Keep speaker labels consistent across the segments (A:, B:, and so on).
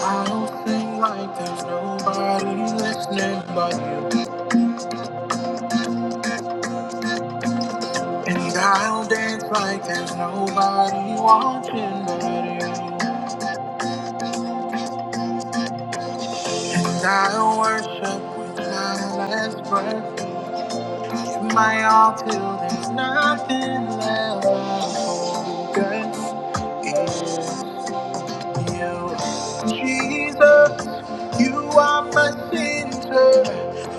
A: I will sing like there's nobody listening but you. And I'll dance like there's nobody watching but you. And I'll worship with my last breath. give my all till there's nothing left. All that's is you. Jesus. You are my center,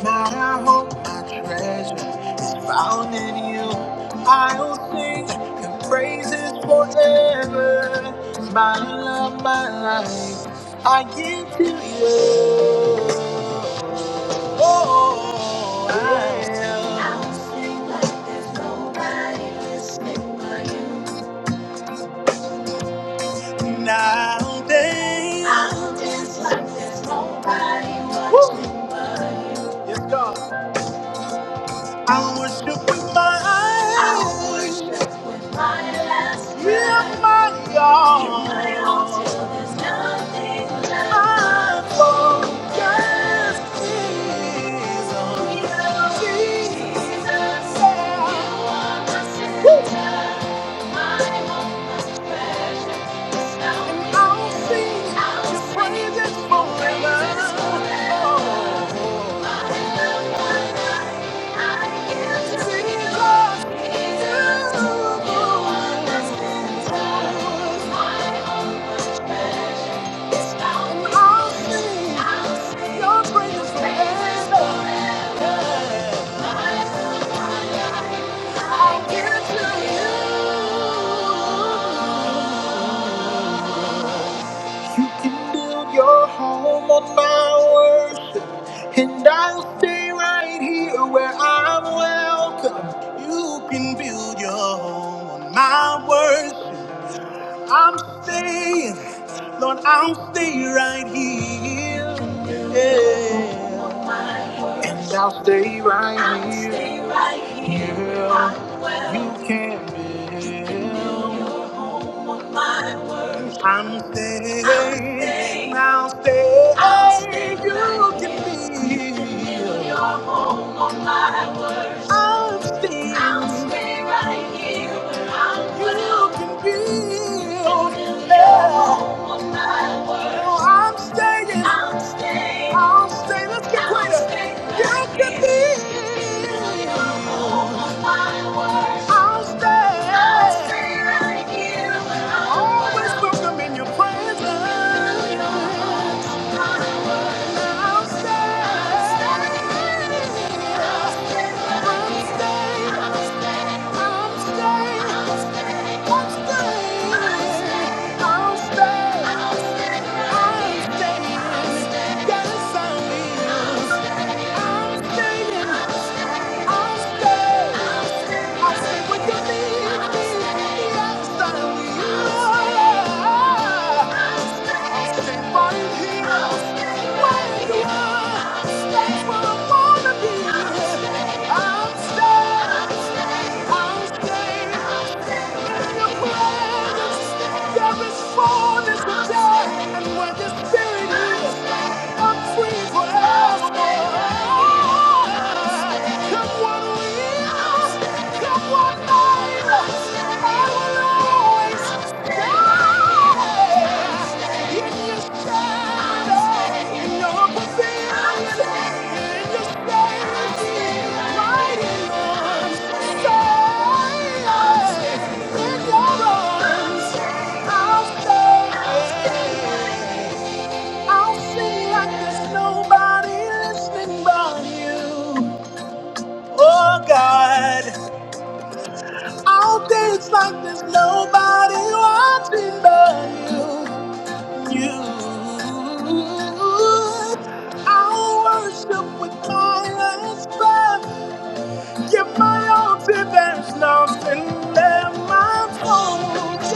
A: my hope, my treasure is found in you. I'll sing your praises forever. My love, my life, I give to you. Oh, I am. Nowadays, I'll dance like there's nobody watching Woo! but you. Yes, God. I worship with my eyes. I worship with my eyes. With my all. With my all till there's nothing left. I focus is on you, Jesus. Jesus. You are my center. Woo! And I'll sing your praises forever. Oh, Jesus, you. I'll sing your praises forever. I'll give to you. You can build your home on my worship, and I'll stay right here where I'm welcome. You can build your home on my words. I'm staying, Lord, I'll stay right here. Yeah. And I'll stay right here. Yeah. You can't build. my I'm staying, I'll stay. I'll stay. You can be. you home on my worst. I'm staying. I'll stay right here. where I'm You can be. you home on my worst. Oh, I'm staying. I'm staying. I'll stay. Let's get I'll greater. stay right You can here. be. you home on my worst. I'll stay. I'll stay right here. Always welcome in your presence. Oh God, all things like there's nobody watching but you. you. I will worship with tireless love. Give my all to there's nothing that my focus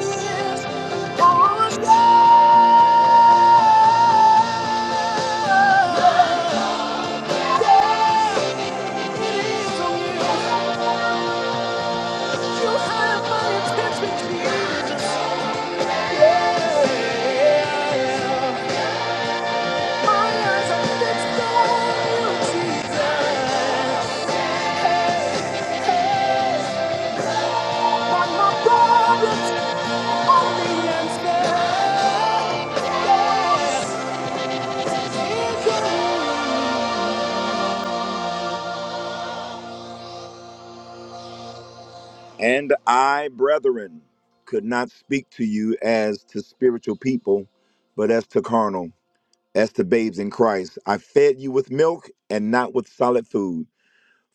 A: is on you. Yeah, it is on you. You have my attention, Jesus. Yeah, my eyes are fixed on you, Jesus. And I, brethren, could not speak to you as to spiritual people, but as to carnal, as to babes in Christ. I fed you with milk and not with solid food,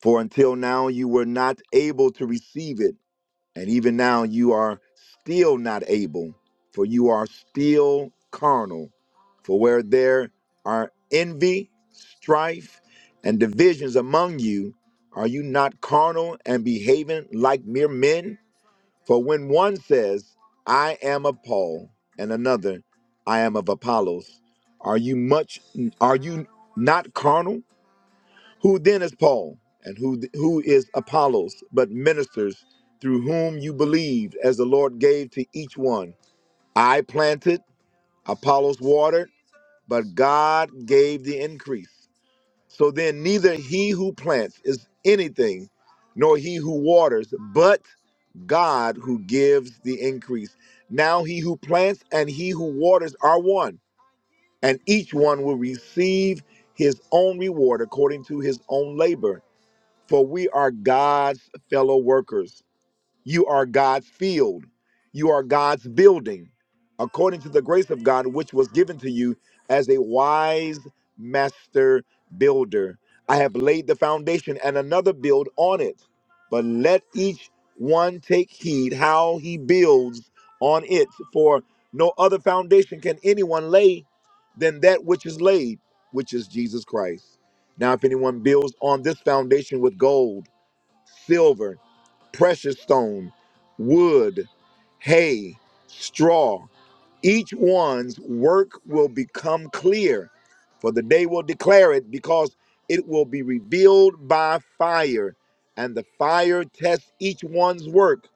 A: for until now you were not able to receive it And even now you are still not able, for you are still carnal. For where there are envy, strife, and divisions among you, are you not carnal and behaving like mere men? For when one says, I am of Paul, and another, I am of Apollos, are you much are you not carnal? Who then is Paul, and who who is Apollos, but ministers through whom you believed, as the Lord gave to each one? I planted, Apollos watered, but God gave the increase. So then, neither he who plants is anything, nor he who waters, but God who gives the increase. Now he who plants and he who waters are one, and each one will receive his own reward according to his own labor for we are God's fellow workers. You are God's field. You are God's building, according to the grace of God, which was given to you as a wise master builder. I have laid the foundation and another build on it. But let each one take heed how he builds on it, for no other foundation can anyone lay than that which is laid, which is Jesus Christ. Now, if anyone builds on this foundation with gold, silver, precious stone, wood, hay, straw. Each one's work will become clear, for the day will declare it, because it will be revealed by fire, and the fire tests each one's work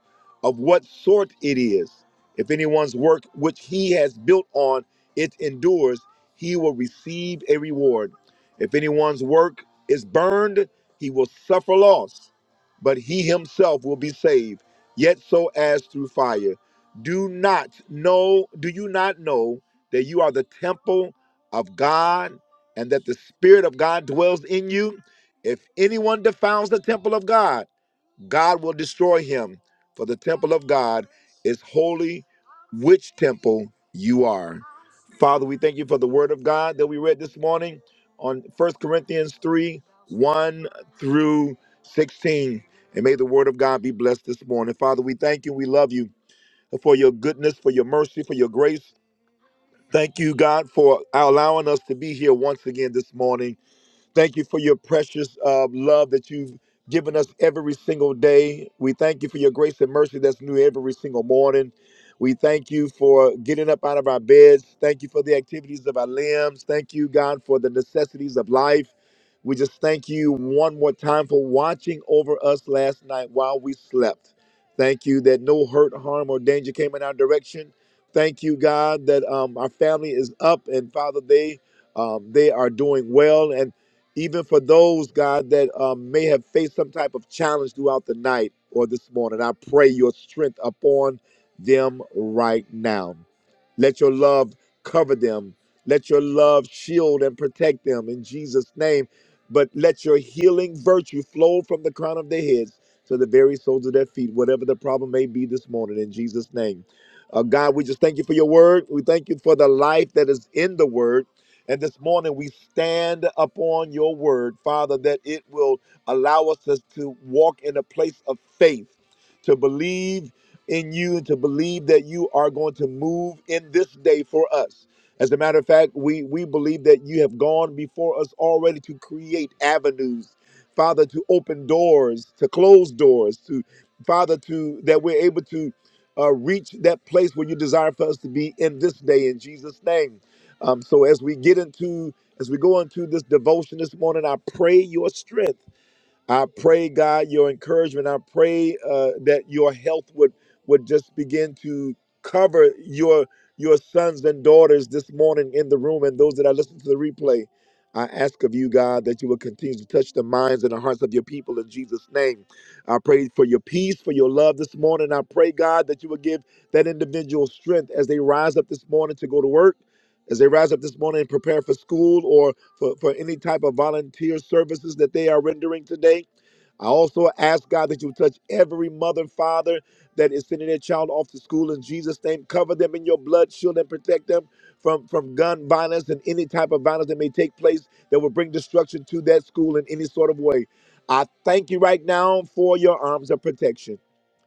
A: of what sort it is. If anyone's work which he has built on it endures, he will receive a reward. If anyone's work is burned, he will suffer loss but he himself will be saved, yet so as through fire. Do not know, do you not know that you are the temple of God and that the Spirit of God dwells in you? If anyone defiles the temple of God, God will destroy him, for the temple of God is holy, which temple you are. Father, we thank you for the word of God that we read this morning on 1 Corinthians 3 1 through 16. And may the word of God be blessed this morning. Father, we thank you. We love you for your goodness, for your mercy, for your grace. Thank you, God, for allowing us to be here once again this morning Thank you for your precious uh, love that you've given us every single day. We thank you for your grace and mercy that's new every single morning. We thank you for getting up out of our beds. Thank you for the activities of our limbs. Thank you, God, for the necessities of life. We just thank you one more time for watching over us last night while we slept. Thank you that no hurt, harm, or danger came in our direction. Thank you, God, that um, our family is up and Father, they um, they are doing well. And even for those, God, that um, may have faced some type of challenge throughout the night or this morning. I pray your strength upon them right now. Let your love cover them. Let your love shield and protect them in Jesus' name. But let your healing virtue flow from the crown of their heads to the very soles of their feet, whatever the problem may be this morning, in Jesus' name. Uh, God, we just thank you for your word. We thank you for the life that is in the word. And this morning we stand upon your word, Father, that it will allow us to, to walk in a place of faith, to believe in you and to believe that you are going to move in this day for us. As a matter of fact, we, we believe that you have gone before us already to create avenues, Father, to open doors, to close doors, to Father, to that we're able to uh, reach that place where you desire for us to be in this day in Jesus' name. Um, so as we get into, as we go into this devotion this morning, I pray your strength. I pray, God, your encouragement. I pray uh, that your health would would just begin to cover your your sons and daughters this morning in the room and those that are listening to the replay. I ask of you, God, that you will continue to touch the minds and the hearts of your people in Jesus' name. I pray for your peace, for your love this morning. I pray, God, that you will give that individual strength as they rise up this morning to go to work as they rise up this morning and prepare for school or for, for any type of volunteer services that they are rendering today. I also ask God that you touch every mother father that is sending their child off to school in Jesus' name. Cover them in your blood, shield and protect them from, from gun violence and any type of violence that may take place that will bring destruction to that school in any sort of way. I thank you right now for your arms of protection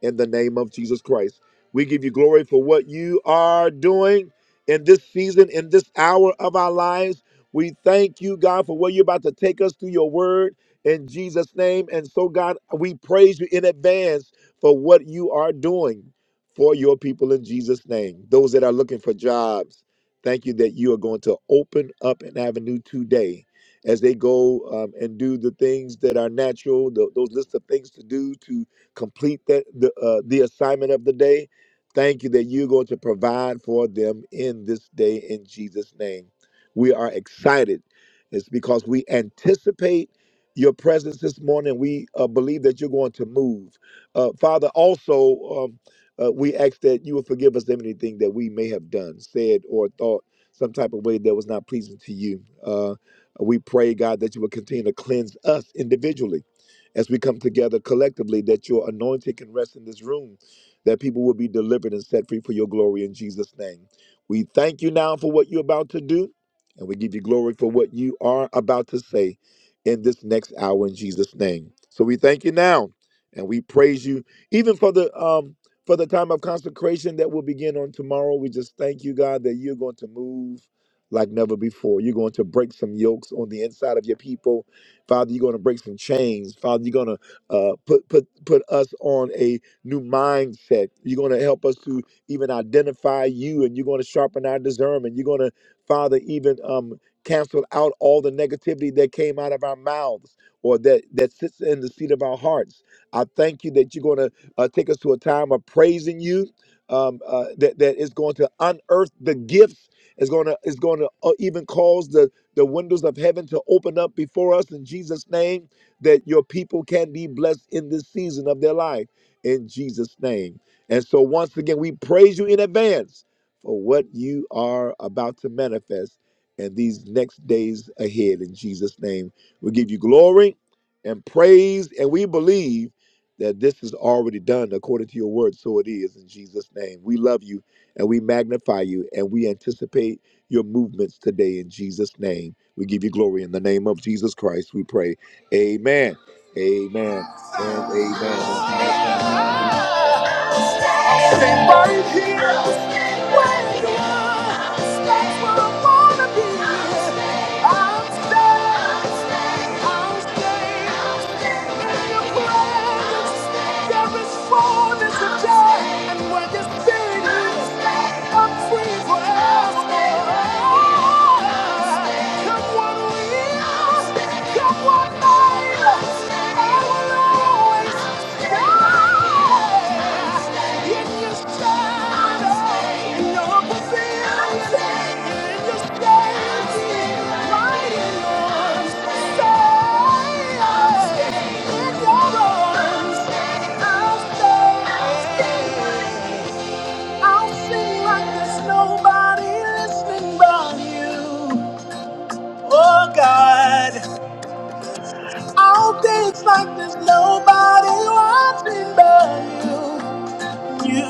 A: in the name of Jesus Christ. We give you glory for what you are doing in this season, in this hour of our lives. We thank you, God, for where you're about to take us through your word in Jesus' name. And so, God, we praise you in advance for what you are doing for your people in Jesus' name. Those that are looking for jobs, thank you that you are going to open up an avenue today as they go um, and do the things that are natural, tho- those list of things to do to complete that the, uh, the assignment of the day. Thank you that you're going to provide for them in this day in Jesus' name. We are excited. It's because we anticipate your presence this morning. We uh, believe that you're going to move. Uh, Father, also, um, uh, we ask that you will forgive us of anything that we may have done, said, or thought some type of way that was not pleasing to you. Uh, we pray, God, that you will continue to cleanse us individually as we come together collectively, that your anointing can rest in this room that people will be delivered and set free for your glory in Jesus' name. We thank you now for what you're about to do, and we give you glory for what you are about to say in this next hour in Jesus' name. So we thank you now, and we praise you even for the um for the time of consecration that will begin on tomorrow. We just thank you, God, that you're going to move like never before. You're going to break some yokes on the inside of your people, Father. You're going to break some chains, Father. You're going to uh, put put put us on a new mindset. You're going to help us to even identify you and you're going to sharpen our discernment. You're going to, Father, even um, cancel out all the negativity that came out of our mouths or that, that sits in the seat of our hearts. I thank you that you're going to uh, take us to a time of praising you. Um, uh, that that is going to unearth the gifts. Is going to is going to uh, even cause the the windows of heaven to open up before us in Jesus' name. That your people can be blessed in this season of their life in Jesus' name. And so, once again, we praise you in advance for what you are about to manifest in these next days ahead. In Jesus' name, we give you glory and praise, and we believe that this is already done according to your word. So it is in Jesus' name. We love you and we magnify you, and we anticipate your movements today in Jesus' name. We give you glory in the name of Jesus Christ. We pray. Amen. Amen and amen. Stay right here. Where you are. That's where I wanna be. I'm staying. I'm staying. In your presence. There is fullness of joy. And where your spirit is, I'm free forever. Come on, leave. I'll sing like there's Nobody listening but you, oh God. All days like there's nobody watching but you. You.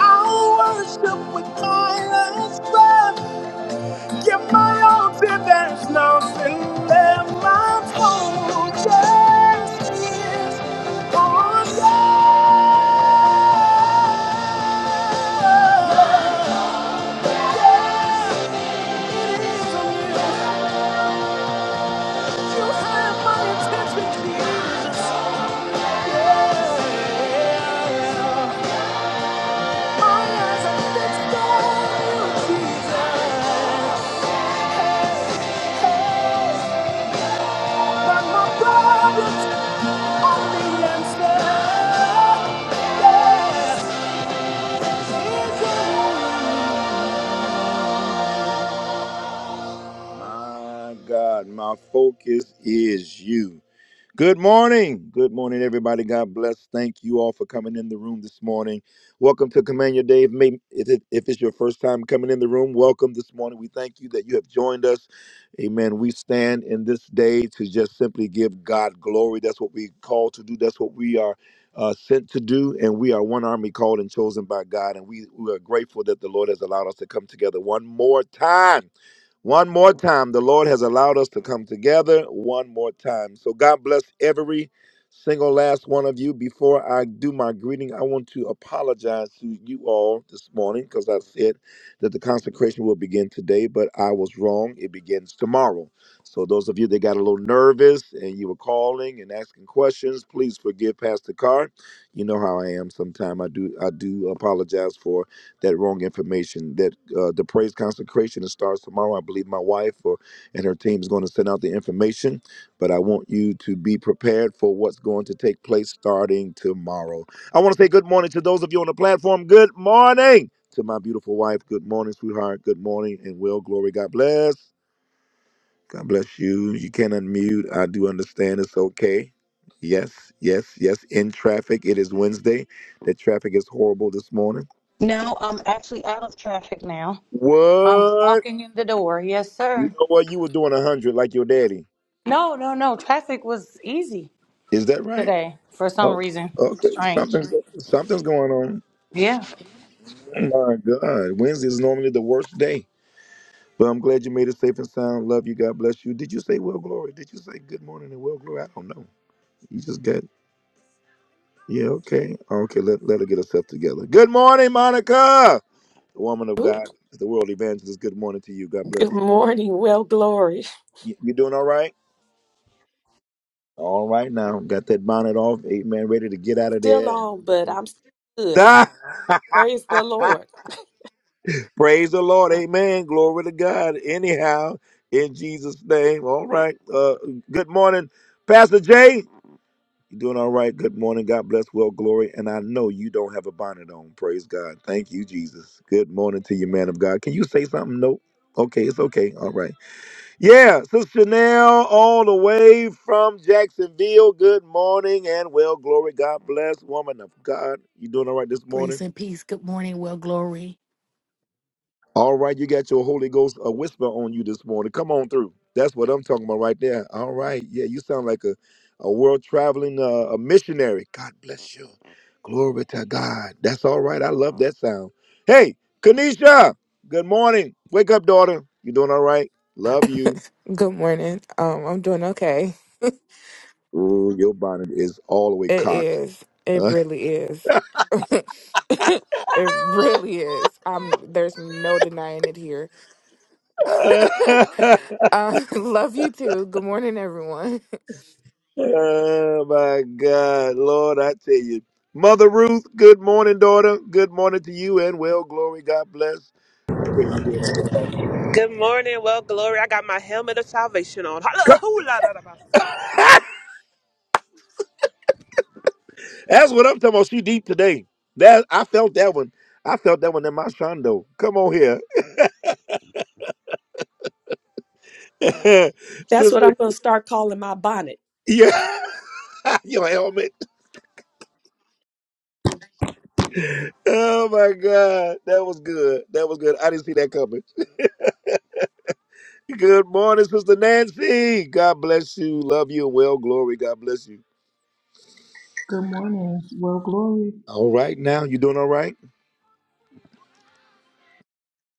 A: I'll worship with tireless breath. Give my all till there's nothing left. My soul just is on you. You have my attention, Jesus. Yeah. My God, my focus is you. Good morning. Good morning, everybody. God bless. Thank you all for coming in the room this morning. Welcome to Command Your Day. If, may- if it- if it's your first time coming in the room, welcome this morning. We thank you that you have joined us. Amen. We stand in this day to just simply give God glory. That's what we call to do. That's what we are uh, sent to do. And we are one army called and chosen by God. And we, we are grateful that the Lord has allowed us to come together one more time one more time, the Lord has allowed us to come together one more time. So God bless every single last one of you. Before I do my greeting, I want to apologize to you all this morning because I said that the consecration will begin today, but I was wrong. It begins tomorrow. So those of you that got a little nervous and you were calling and asking questions, please forgive Pastor Carr. You know how I am. Sometimes I do I do apologize for that wrong information. That uh, the praise consecration that starts tomorrow. I believe my wife or and her team is going to send out the information, but I want you to be prepared for what's going to take place starting tomorrow. I want to say good morning to those of you on the platform. Good morning to my beautiful wife. Good morning, sweetheart. Good morning and well, glory. God bless. God bless you. You can unmute. I do understand it's okay. Yes, yes, yes. In traffic, it is Wednesday. The traffic is horrible this morning.
B: No, I'm actually out of traffic now. I'm
A: What?
B: walking in the door. Yes,
A: You
B: sir.
A: know what? You were doing a hundred like your daddy.
B: No, no, no. Traffic was easy
A: Is that right?
B: today for some
A: Oh,
B: reason.
A: okay.
B: Strange.
A: Something's something's going on.
B: Yeah.
A: Oh my God, Wednesday is normally the worst day, but I'm glad you made it safe and sound. Love you. God bless you. Did you say well glory? Did you say good morning and well glory? I don't know. You just got yeah. Okay. Okay. Let let her get herself together. Good morning, Monica, the woman of
C: Ooh,
A: God, the world evangelist. Good morning to you. God bless.
C: Good morning. Well, glory.
A: You, you doing all right? All right now. Got that bonnet off. Amen. Ready to get out of
C: Still
A: there.
C: on, but I'm still good. Praise the
A: and-
C: Lord.
A: Praise the Lord. Amen. Glory to God. Anyhow, in Jesus' name. All right. Uh, good morning, Pastor Jay. You doing all right? Good morning. God bless. Well, glory. And I know you don't have a bonnet on. Praise God. Thank you, Jesus. Good morning to you, man of God. Can you say something? Nope. Okay, it's okay. All right. Yeah, Sister Chanel, all the way from Jacksonville. Good morning and well, glory. God bless, woman of God. You doing all right this
D: Grace
A: morning?
D: and peace. Good morning, well glory.
A: All right, you got your Holy Ghost a whisper on you this morning. Come on through. That's what I'm talking about right there. All right. Yeah, you sound like a, a world traveling uh, a missionary. God bless you. Glory to God. That's all right. I love that sound. Hey, Kanisha, good morning. Wake up, daughter. You doing all right? Love you.
E: Good morning. Um, I'm doing okay.
A: Ooh, your bonnet is all the way
E: It
A: cocked.
E: is. It really is. it really is. Um, there's no denying it here. uh, love you too. Good morning, everyone.
A: Oh my God, Lord, I tell you. Mother Ruth, good morning, daughter. Good morning to you and well, glory. God bless. I pray you're doing all right.
F: Good morning. Well, glory. I got my helmet of salvation on.
A: Co-
F: Hallelujah.
A: That's what I'm talking about. She deep today. That I felt that one. I felt that one in my shondo. Come on here.
C: That's what I'm
A: Sister.
C: going to start calling my bonnet.
A: Yeah. Your helmet. Oh my God. That was good. That was good. I didn't see that coming. Good morning, Sister Nancy. God bless you. Love you and well, glory. God bless you.
G: Good morning. Well, glory
A: All right, now you doing all right?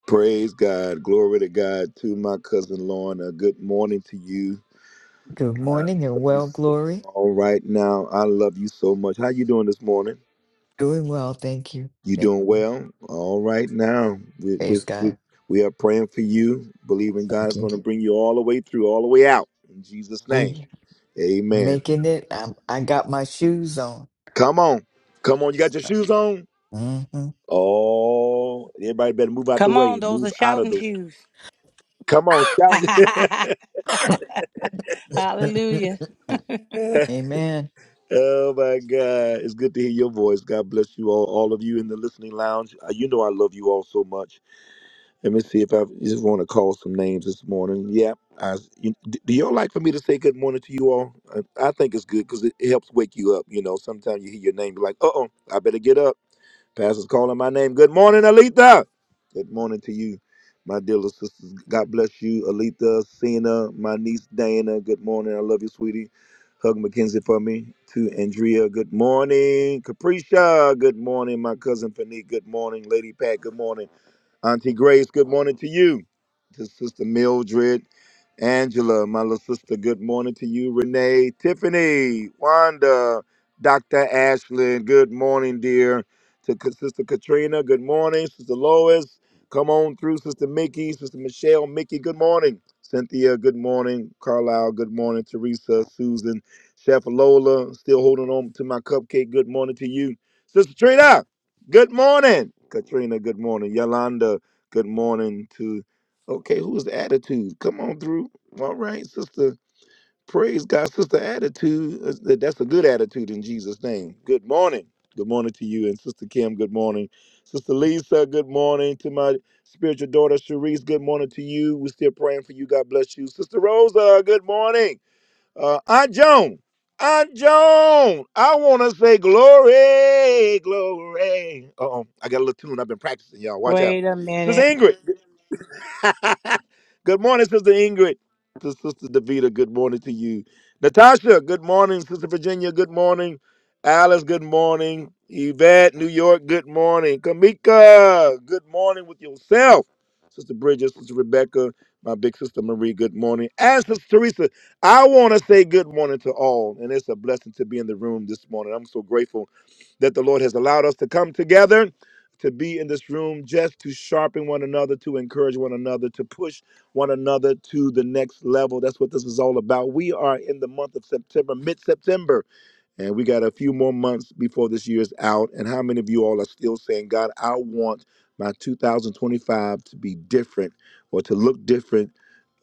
A: Praise God, glory to God. To my cousin Lorna, good morning to you.
H: Good
A: I love
H: morning and
A: you.
H: well,
A: So,
H: Glory.
A: all right, now I love you so much. How you doing this morning?
H: Doing well, thank you.
A: You doing well? All right, now we we
H: Praise
A: we,
H: God.
A: we are praying for you, believing
H: Thank
A: God's
H: you.
A: going to bring you all the way through, all the way out in Jesus'
H: Oh,
A: name.
H: yeah.
A: Amen.
H: Making it. i I got my shoes on.
A: Come on, come on. You got your shoes on?
H: hmm
A: Oh, everybody better move out the
B: Come on,
A: way.
B: those
A: Move
B: are
A: out of
B: shouting
A: the way.
B: shoes.
A: Come on, shout.
B: Hallelujah.
H: Amen.
A: Oh my God. It's good to hear your voice. God bless you all, all of you in the listening lounge. Uh, You know I love you all so much. Let me see if I I just want to call some names this morning. Yeah. I, you, d- do y'all like for me to say good morning to you all? I, I think it's good because it, it helps wake you up. You know, sometimes you hear your name, you're like, uh oh, I better get up. Pastor's calling my name. Good morning, Alita. Good morning to you, my dear little sisters. God bless you, Alita, Cena, my niece Dana. Good morning. I love you, sweetie. Hug McKenzie for me. To Andrea, good morning. Capricia, good morning. My cousin Fanique, good morning. Lady Pat, good morning. Auntie Grace, good morning to you. To Sister Mildred, Angela, my little sister, good morning to you. Renee, Tiffany, Wanda, Dr. Ashlyn, good morning, dear. To K- Sister Katrina, good morning. Sister Lois, come on through. Sister Mickey, Sister Michelle, Mickey, good morning. Cynthia, good morning. Carlisle, good morning. Teresa, Susan, Chef Lola, still holding on to my cupcake, good morning to you. Sister Trina, Good morning, Katrina. Good morning, Yolanda. Good morning to. Okay, who's the attitude? Come on through. All right, sister. Praise God, sister. Attitude. That's that's a good attitude in Jesus' name. Good morning. Good morning to you and Sister Kim. Good morning, Sister Lisa. Good morning to my spiritual daughter Sharice. Good morning to you. We're still praying for you. God bless you, Sister Rosa. Good morning. Uh, Aunt Joan, Aunt Joan, I want to say glory, glory. Uh oh, I got a little tune I've been practicing, y'all. Watch out.
B: Wait a
A: Sister
B: minute.
A: Ingrid, good morning, Sister Ingrid. To Sister Davita, good morning to you. Natasha, good morning. Sister Virginia, good morning. Alice, good morning. Yvette, New York, good morning. Kamika, good morning with yourself. Sister Bridget, Sister Rebecca, my big sister Marie, good morning. And Sister Teresa, I want to say good morning to all. And it's a blessing to be in the room this morning. I'm so grateful that the Lord has allowed us to come together to be in this room just to sharpen one another, to encourage one another, to push one another to the next level. That's what this is all about. We are in the month of September, mid September and we got a few more months before this year is out. And how many of you all are still saying, God, I want my 2025 to be different or to look different,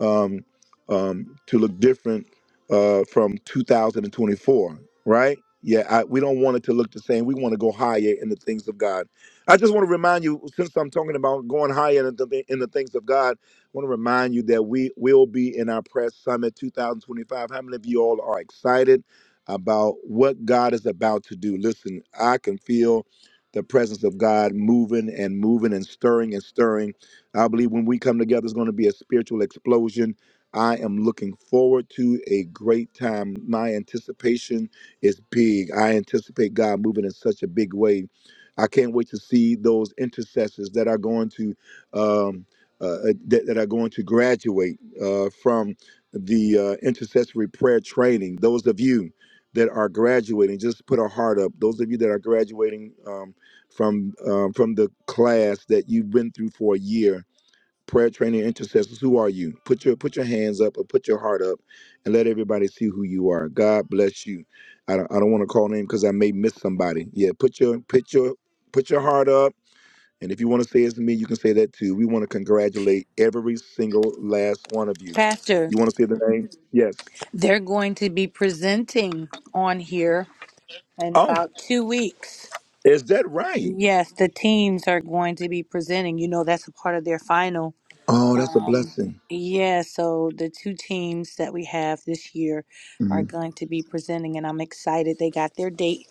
A: um, um, to look different uh, from 2024, right? Yeah, I, we don't want it to look the same. We want to go higher in the things of God. I just want to remind you, since I'm talking about going higher in the, in the things of God, I want to remind you that we will be in our press summit 2025. How many of you all are excited? about what God is about to do. Listen, I can feel the presence of God moving and moving and stirring and stirring. I believe when we come together, it's going to be a spiritual explosion. I am looking forward to a great time. My anticipation is big. I anticipate God moving in such a big way. I can't wait to see those intercessors that are going to um, uh, uh, that, that are going to graduate uh, from the uh, intercessory prayer training. Those of you that are graduating, just put a heart up. Those of you that are graduating um, from um, from the class that you've been through for a year, prayer training intercessors, who are you? Put your put your hands up or put your heart up, and let everybody see who you are. God bless you. I don't I don't want to call name because I may miss somebody. Yeah, put your put your put your heart up. And if you want to say it's me, you can say that too. We want to congratulate every single last one of you.
B: Pastor,
A: You want to say the name? Yes.
B: they're going to be presenting on here in
A: Oh,
B: about two weeks.
A: is that right?
B: Yes, the teams are going to be presenting. You know, that's a part of their final.
A: Oh, that's a
B: Um,
A: blessing.
B: yeah, so the two teams that we have this year are
A: hmm
B: going to be presenting, and I'm excited. They got their date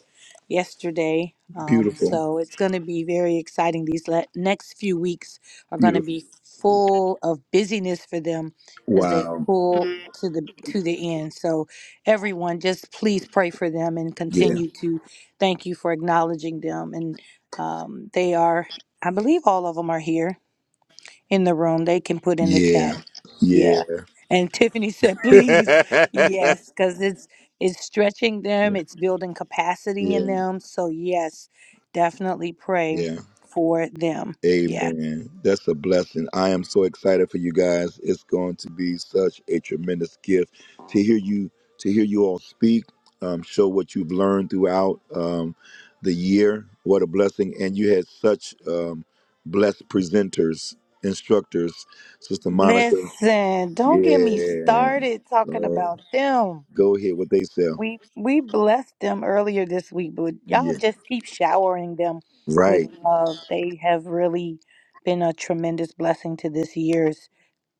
B: yesterday. Um,
A: Beautiful.
B: so it's going to be very exciting. These le- next few weeks are going to
A: Beautiful.
B: be full of busyness for them as they
A: Wow.
B: pull to the to the end. So everyone, just please pray for them and
A: Yeah.
B: continue to thank you for acknowledging them. And um, they are, I believe, all of them are here in the room, they can put in the
A: Yeah.
B: chat.
A: Yeah.
B: Yeah. And Tiffany said, please,
A: yeah.
B: yes, because it's it's stretching them, it's building capacity in
A: Yeah.
B: them. So yes, definitely pray
A: Yeah.
B: for them. Yeah.
A: Amen. That's a blessing. I am so excited for you guys. It's going to be such a tremendous gift to hear you to hear you all speak, um, show what you've learned throughout um, the year. What a blessing! And you had such um, blessed presenters, instructors, Sister Monica.
B: Listen, don't get me
A: Yeah.
B: started talking
A: Oh,
B: about them.
A: go ahead. What they sell.
B: We we blessed them earlier this week, but y'all
A: Yeah.
B: just keep showering them with
A: Right.
B: love. They have really been a tremendous blessing to this year's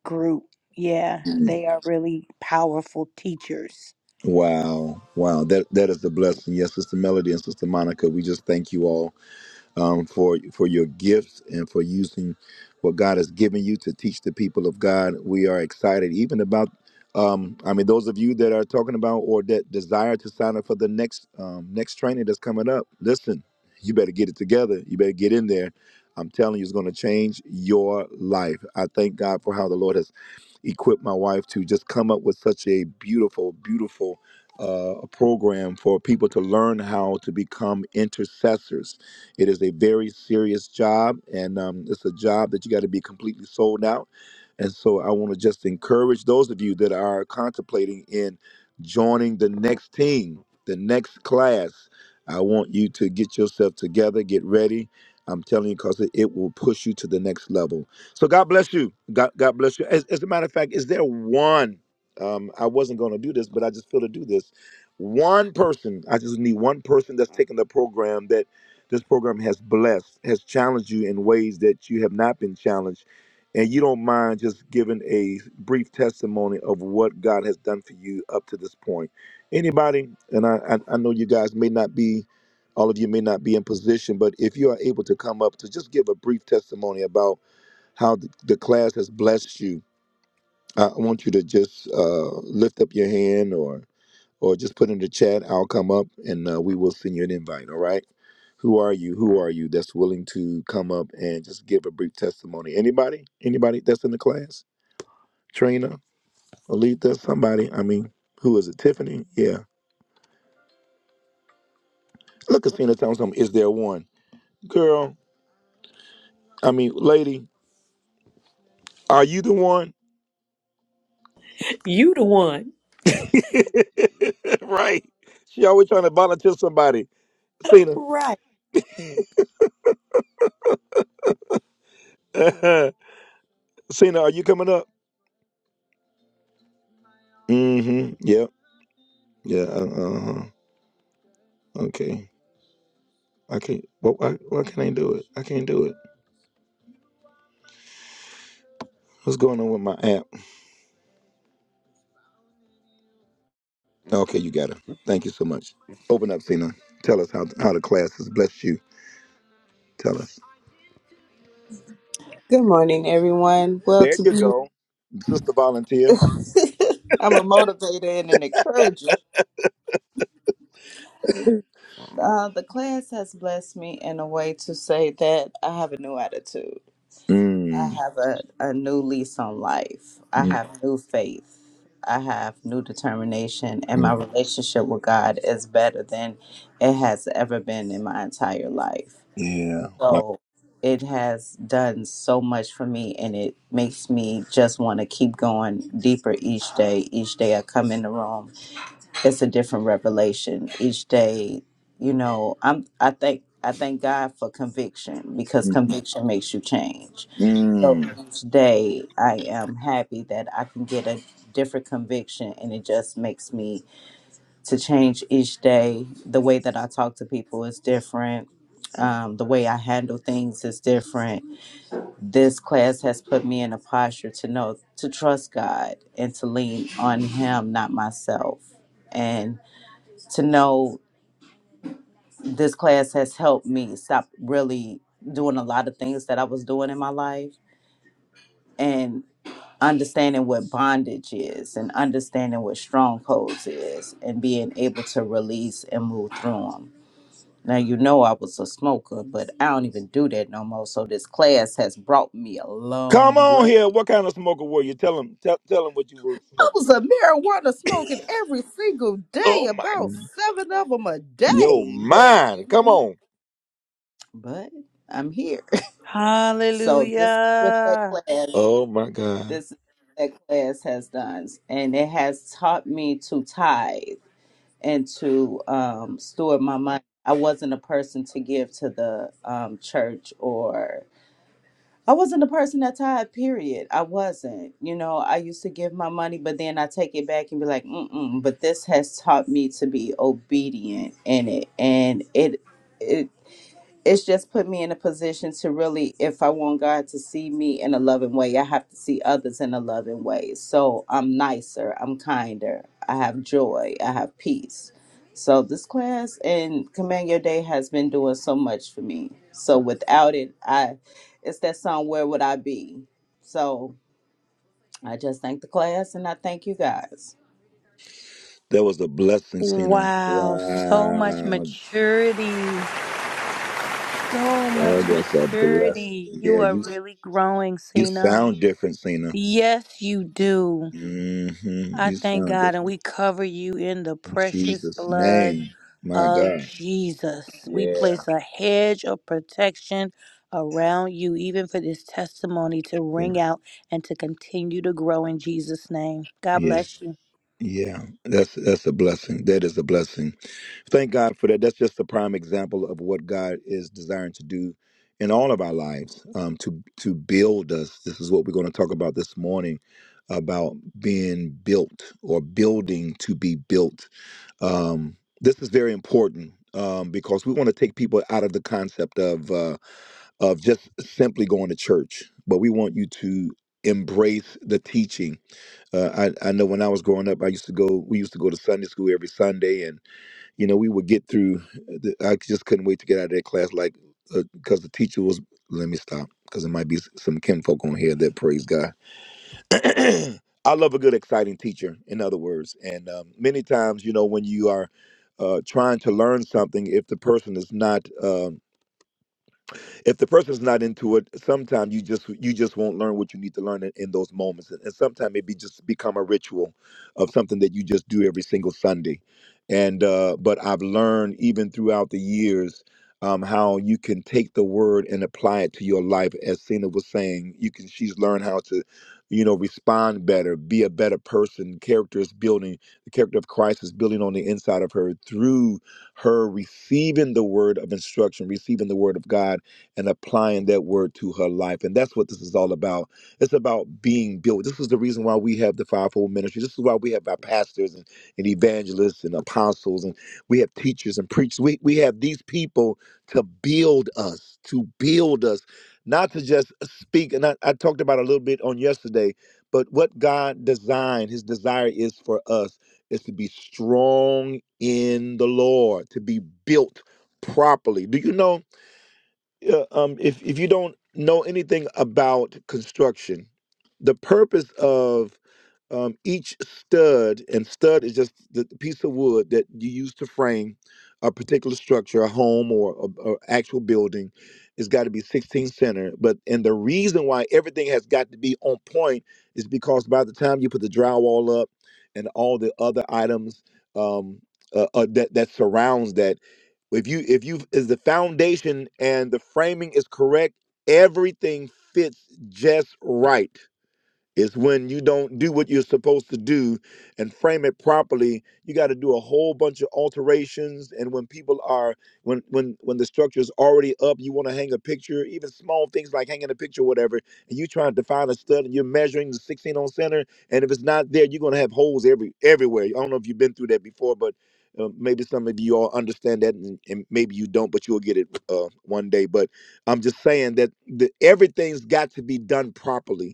B: group. Yeah,
A: Mm.
B: they are really powerful teachers.
A: Wow. Wow. That that is a blessing. Yes, Sister Melody and Sister Monica. We just thank you all um, for for your gifts and for using what God has given you to teach the people of God. We are excited even about. Um, I mean, those of you that are talking about or that desire to sign up for the next um, next training that's coming up, listen, you better get it together. You better get in there. I'm telling you, it's going to change your life. I thank God for how the Lord has equipped my wife to just come up with such a beautiful, beautiful uh, program for people to learn how to become intercessors it is a very serious job, and um, it's a job that you got to be completely sold out. And so I want to just encourage those of you that are contemplating in joining the next team, the next class. I want you to get yourself together, get ready. I'm telling you, because it, it will push you to the next level. So God bless you. God, God bless you. As, as a matter of fact, is there one? Um, I wasn't going to do this, but I just feel to do this. One person, I just need one person that's taking the program that. This program has blessed, has challenged you in ways that you have not been challenged. And you don't mind just giving a brief testimony of what God has done for you up to this point. Anybody, and I, I, I know you guys may not be, all of you may not be in position, but if you are able to come up to just give a brief testimony about how the, the class has blessed you, I want you to just uh, lift up your hand or or just put in the chat. I'll come up and uh, we will send you an invite. All right. Who are you? Who are you that's willing to come up and just give a brief testimony? Anybody? Anybody that's in the class? Trina, Alita, somebody? I mean, who is it? Tiffany? Yeah. Look, Athena, tell me something. Is there one? Girl, I mean, lady, are you the one?
C: You the one.
A: right. She always trying to volunteer somebody. Cena.
C: Right.
A: Cena, are you coming up? Mm-hmm. Yep. Yeah. Uh huh. Okay. I can't. What? Why, why can't I do it? I can't do it. What's going on with my app? Okay, you got it. Thank you so much. Open up, Cena. Tell us how how the class has blessed you. Tell us.
I: Good morning, everyone. Well,
A: There
I: to
A: you
I: be,
A: go, sister volunteer.
I: I'm a motivator and an encourager. Uh, the class has blessed me in a way to say that I have a new attitude. I
A: Mm,
I: have a, a new lease on life. I
A: mm,
I: have new faith. I have new determination, and my
A: mm.
I: relationship with God is better than it has ever been in my entire life.
A: Yeah. What?
I: So it has done so much for me, and it makes me just want to keep going deeper each day. Each day I come in the room, it's a different revelation. Each day, you know, I'm I thank I thank God for conviction because
A: Mm,
I: conviction makes you change. So
A: mm.
I: each day I am happy that I can get a different conviction, and it just makes me to change each day. The way that I talk to people is different. Um, the way I handle things is different. This class has put me in a posture to know to trust God and to lean on Him, not myself. And to know this class has helped me stop really doing a lot of things that I was doing in my life and understanding what bondage is and understanding what strongholds is and being able to release and move through them Now you know I was a smoker, but I don't even do that no more. So this class has brought me a
A: Come
I: long
A: on
I: way.
A: here. What kind of smoker were you? Tell him. Tell, tell him what you were
I: I
A: smoking.
I: was a marijuana smoking every single day,
A: Oh
I: about
A: my.
I: seven of them a
A: Yo,
I: day. But you
A: mine. Come
I: know,
A: on.
I: but I'm here. So this is what that
B: Hallelujah.
I: class,
A: Oh my God.
I: this is what that class has done, and it has taught me to tithe and to um, store my money. I wasn't a person to give to the um, church or I wasn't the person that tied, period. I wasn't. You know, I used to give my money, but then I take it back and be like, mm-mm. But this has taught me to be obedient in it. And it, it it's just put me in a position to really if i want god to see me in a loving way i have to see others in a loving way so i'm nicer i'm kinder i have joy i have peace so this class and command your day has been doing so much for me so without it i it's that song where would i be so i just thank the class and i thank you guys
A: That was a blessing, Cena.
B: Wow, so much
A: Wow.
B: maturity. So much
A: That was a blessing.
B: maturity.
A: Yeah,
B: You are
A: you
B: really growing,
A: You
B: Cena.
A: sound different, Cena.
B: Yes, you do.
A: hmm
B: I
A: You
B: thank
A: sound
B: God and
A: different.
B: we cover you in the
A: In
B: precious
A: Jesus'
B: blood
A: name. My
B: of
A: God.
B: Jesus. We
A: Yeah.
B: place a hedge of protection around you, even for this testimony to
A: Yeah.
B: ring out and to continue to grow in Jesus' name. God
A: Yeah.
B: bless you.
A: Yeah. That's that's a blessing. That is a blessing. Thank God for that. That's just a prime example of what God is desiring to do in all of our lives, um, to to build us. This is what we're going to talk about this morning about being built or building to be built Um, this is very important um, because we want to take people out of the concept of uh, of just simply going to church, but we want you to embrace the teaching. Uh, I, I know when I was growing up, I used to go. We used to go to Sunday school every Sunday, and you know we would get through. uh, The, I just couldn't wait to get out of that class, like because the teacher was. Let me stop because there might be s- some kinfolk on here that praise God I love a good, exciting teacher, in other words. And um, many times, you know, when you are uh, trying to learn something, if the person is not um, if the person's not into it sometimes you just you just won't learn what you need to learn in, in those moments and, and sometimes it be just become a ritual of something that you just do every single sunday and uh but i've learned even throughout the years um, how you can take the word and apply it to your life as cena was saying you can she's learned how to you know respond better be a better person character is building the character of christ is building on the inside of her through her receiving the word of instruction receiving the word of god and applying that word to her life. And that's what this is all about. It's about being built. This is the reason why we have the fivefold ministry. This is why we have our pastors and, and evangelists and apostles, and we have teachers and preachers. We, we have these people to build us, to build us, not to just speak. And I, I talked about a little bit on yesterday, but what God designed, his desire is for us is to be strong in the Lord, to be built properly. Do you know? Yeah, um, if if you don't know anything about construction, the purpose of um, each stud and stud is just the piece of wood that you use to frame a particular structure, a home or a, a actual building. It's got to be 16 center. But and the reason why everything has got to be on point is because by the time you put the drywall up and all the other items um, uh, uh, that that surrounds that. If you if you is the foundation and the framing is correct, everything fits just right. It's when you don't do what you're supposed to do and frame it properly. You got to do a whole bunch of alterations. And when people are, when when when the structure is already up, you want to hang a picture, even small things like hanging a picture, whatever. And you trying to find a stud, and you're measuring the 16 on center. And if it's not there, you're gonna have holes every everywhere. I don't know if you've been through that before, but uh, maybe some of you all understand that, and, and maybe you don't, but you'll get it uh, one day. But I'm just saying that the, everything's got to be done properly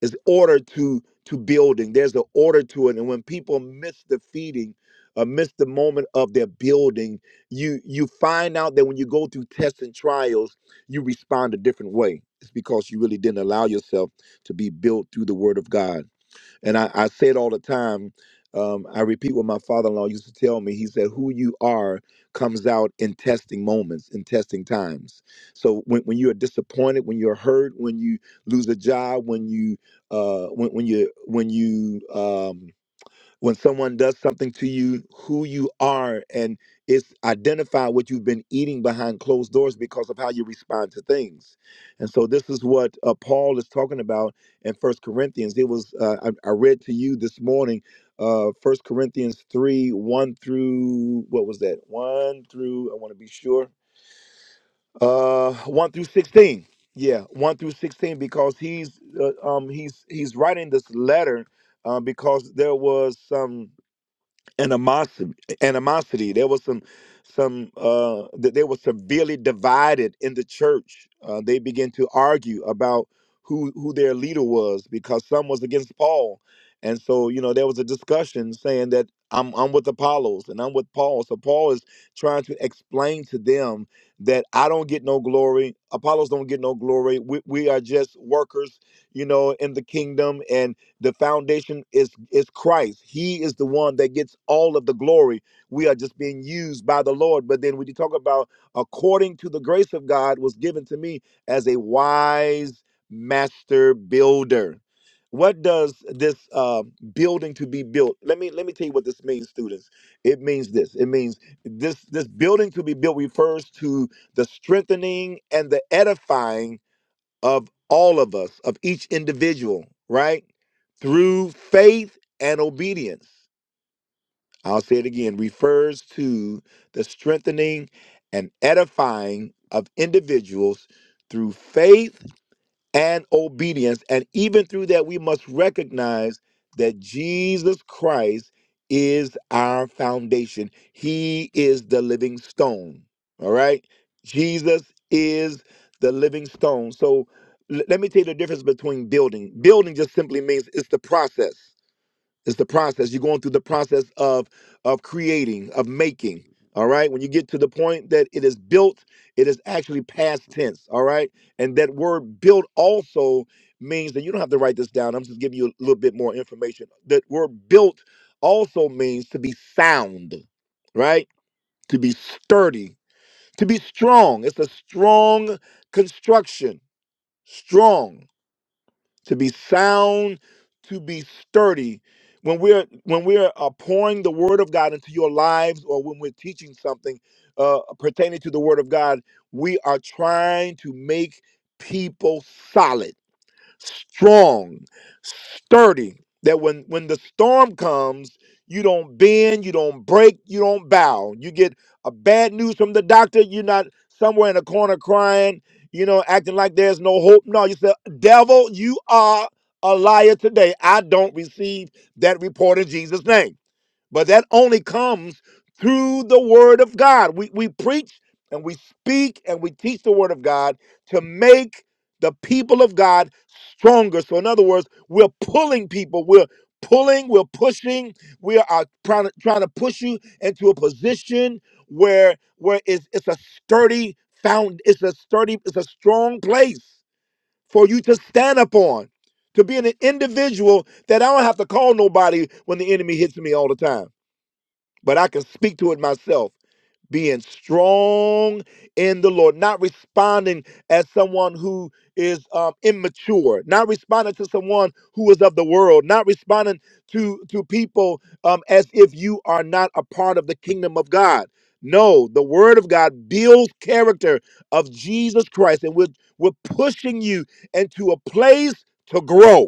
A: is order to to building there's an order to it and when people miss the feeding or miss the moment of their building you you find out that when you go through tests and trials you respond a different way it's because you really didn't allow yourself to be built through the word of god and I, I say it all the time. Um, I repeat what my father in law used to tell me. He said, Who you are comes out in testing moments, in testing times. So when, when you are disappointed, when you're hurt, when you lose a job, when you uh, when, when you when you um, when someone does something to you, who you are, and it's identify what you've been eating behind closed doors because of how you respond to things. And so this is what uh, Paul is talking about in First Corinthians. It was uh, I, I read to you this morning, uh, First Corinthians three one through what was that one through I want to be sure uh, one through sixteen. Yeah, one through sixteen because he's uh, um he's he's writing this letter uh, because there was some animosity animosity there was some some uh th- they were severely divided in the church uh, they began to argue about who who their leader was because some was against paul and so you know there was a discussion saying that i'm i'm with apollos and i'm with paul so paul is trying to explain to them that i don't get no glory apollos don't get no glory we, we are just workers you know in the kingdom and. The foundation is is Christ. He is the one that gets all of the glory. We are just being used by the Lord. But then when you talk about according to the grace of God was given to me as a wise master builder. What does this uh, building to be built? Let me let me tell you what this means, students. It means this. It means this this building to be built refers to the strengthening and the edifying of all of us, of each individual, right? Through faith and obedience. I'll say it again, refers to the strengthening and edifying of individuals through faith and obedience. And even through that, we must recognize that Jesus Christ is our foundation. He is the living stone. All right? Jesus is the living stone. So l- let me tell you the difference between building. Building just simply means it's the process. It's the process. You're going through the process of of creating, of making. All right. When you get to the point that it is built, it is actually past tense. All right. And that word built also means that you don't have to write this down. I'm just giving you a little bit more information. That word built also means to be sound, right? To be sturdy, to be strong. It's a strong construction. Strong to be sound, to be sturdy. When we're when we're uh, pouring the word of God into your lives, or when we're teaching something uh, pertaining to the word of God, we are trying to make people solid strong, sturdy, that when, when the storm comes, you don't bend, you don't break, you don't bow. You get a bad news from the doctor, you're not somewhere in a corner crying, you know, acting like there's no hope. No, you say, devil, you are a liar today. I don't receive that report in Jesus' name. But that only comes through the word of God. We, we preach and we speak and we teach the word of God to make the people of God stronger. So, in other words, we're pulling people, we're pulling, we're pushing, we are trying to, trying to push you into a position where where it's, it's a sturdy found it's a sturdy it's a strong place for you to stand upon to be an individual that i don't have to call nobody when the enemy hits me all the time but I can speak to it myself being strong in the Lord, not responding as someone who is um, immature, not responding to someone who is of the world, not responding to to people um, as if you are not a part of the kingdom of God. No, the Word of God builds character of Jesus Christ, and we're we're pushing you into a place to grow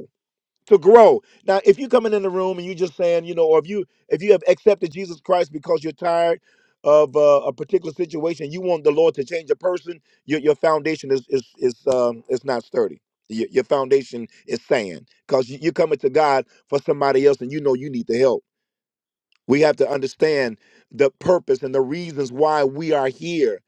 A: to grow. Now, if you coming in the room and you just saying, you know, or if you if you have accepted Jesus Christ because you're tired of uh, a particular situation, you want the Lord to change a person, your your foundation is is is um is not sturdy. Your, your foundation is sand because you, you're coming to God for somebody else, and you know you need the help. We have to understand the purpose and the reasons why we are here.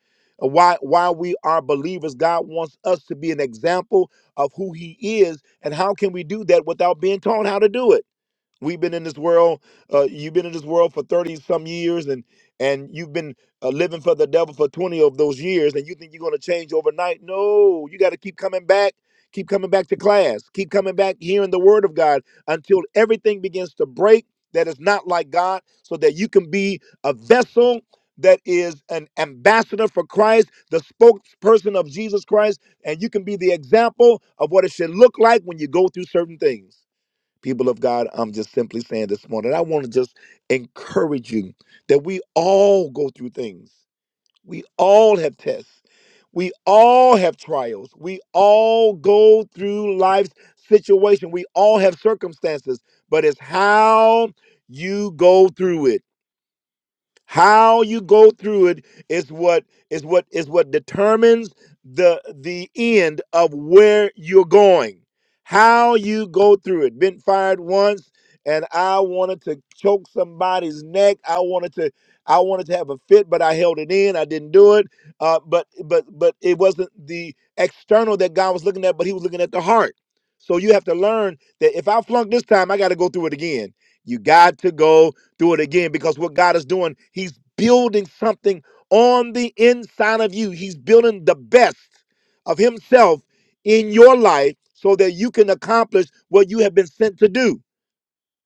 A: uh, Why why we are believers. God wants us to be an example of who he is and how can we do that without being taught how to do it? we've been in this world uh, you've been in this world for 30 some years and and you've been uh, living for the devil for 20 of those years and you think you're going to change overnight no you got to keep coming back keep coming back to class keep coming back hearing the word of god until everything begins to break that is not like god so that you can be a vessel that is an ambassador for Christ, the spokesperson of Jesus Christ, and you can be the example of what it should look like when you go through certain things people of God, I'm just simply saying this morning, I want to just encourage you that we all go through things. We all have tests. We all have trials. We all go through life's situation. We all have circumstances, but it's how you go through it. How you go through it is what is what is what determines the the end of where you're going. How you go through it. Been fired once and I wanted to choke somebody's neck. I wanted to I wanted to have a fit, but I held it in. I didn't do it. Uh, but but but it wasn't the external that God was looking at, but he was looking at the heart. So you have to learn that if I flunk this time, I got to go through it again. You got to go do it again because what God is doing, He's building something on the inside of you. He's building the best of Himself in your life so that you can accomplish what you have been sent to do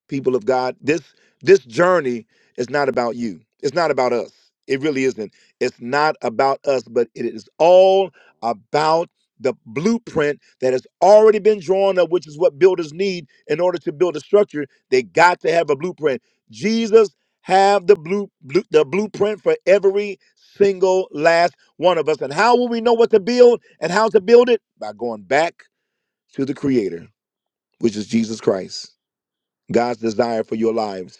A: people of God. This this journey is not about you. It's not about us. It really isn't. It's not about us, but it is all about the blueprint that has already been drawn up, which is what builders need in order to build a structure. They got to have a blueprint. Jesus have the blue, blue the blueprint for every single last one of us. And how will we know what to build and how to build it? By going back to the creator, which is Jesus Christ. God's desire for your lives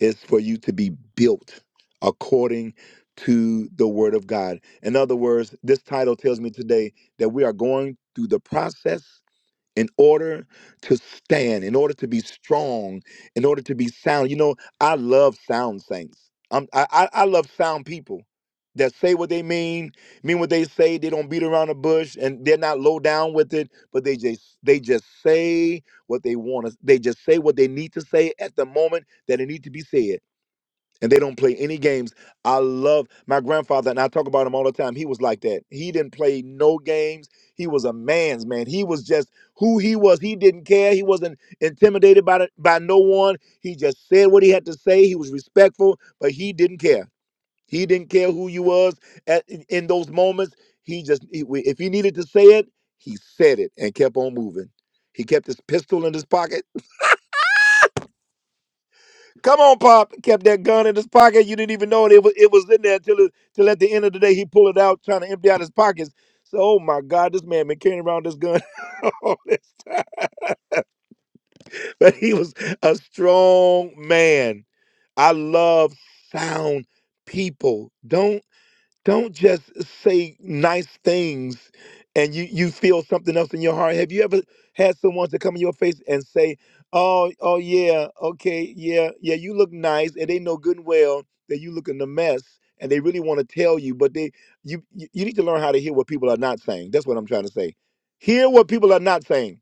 A: is for you to be built according to the word of God. In other words, this title tells me today that we are going through the process in order to stand, in order to be strong, in order to be sound. You know, I love sound saints. I'm, I, I I love sound people that say what they mean, mean what they say. They don't beat around the bush, and they're not low down with it. But they just they just say what they want to. They just say what they need to say at the moment that it need to be said and they don't play any games. I love my grandfather, and I talk about him all the time. He was like that. He didn't play no games. He was a man's man. He was just who he was. He didn't care. He wasn't intimidated by the, by no one. He just said what he had to say. He was respectful, but he didn't care. He didn't care who you was at, in in those moments. He just he- if he needed to say it, he said it and kept on moving. He kept his pistol in his pocket Come on, Pop. Kept that gun in his pocket. You didn't even know it. It was, it was in there till, it, till at the end of the day he pulled it out trying to empty out his pockets. So, oh my God, this man been carrying around this gun. all this- but he was a strong man. I love sound people. Don't don't just say nice things and you you feel something else in your heart have you ever had someone to come in your face and say oh oh yeah okay yeah yeah you look nice and they know good and well that you look in a mess and they really want to tell you but they you you you need to learn how to hear what people are not saying that's what i'm trying to say hear what people are not saying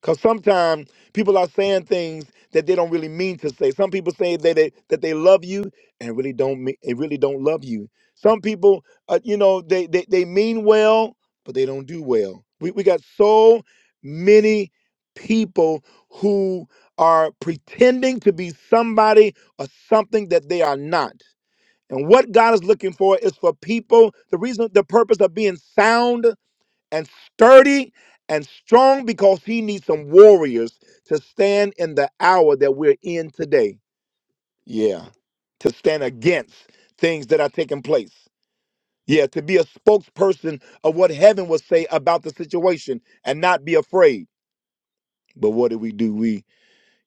A: because sometimes people are saying things that they don't really mean to say. Some people say that they that they love you and really don't me- they really don't love you. Some people, uh, you know, they, they they mean well, but they don't do well. We we got so many people who are pretending to be somebody or something that they are not. And what God is looking for is for people. The reason, the purpose of being sound and sturdy and strong because he needs some warriors to stand in the hour that we're in today. Yeah. To stand against things that are taking place. Yeah. To be a spokesperson of what heaven will say about the situation and not be afraid. But what do we do? We,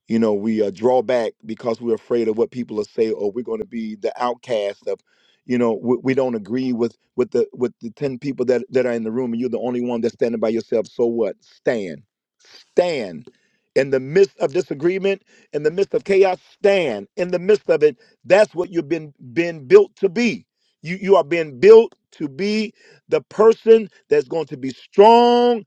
A: you know, we uh, draw back because we're afraid of what people will say, or we're going to be the outcast of, you know, we, we don't agree with with the with the ten people that that are in the room, and you're the only one that's standing by yourself. So what? Stand stand in the midst of disagreement, in the midst of chaos, stand in the midst of it. That's what you've been been built to be. You you are being built to be the person that's going to be strong,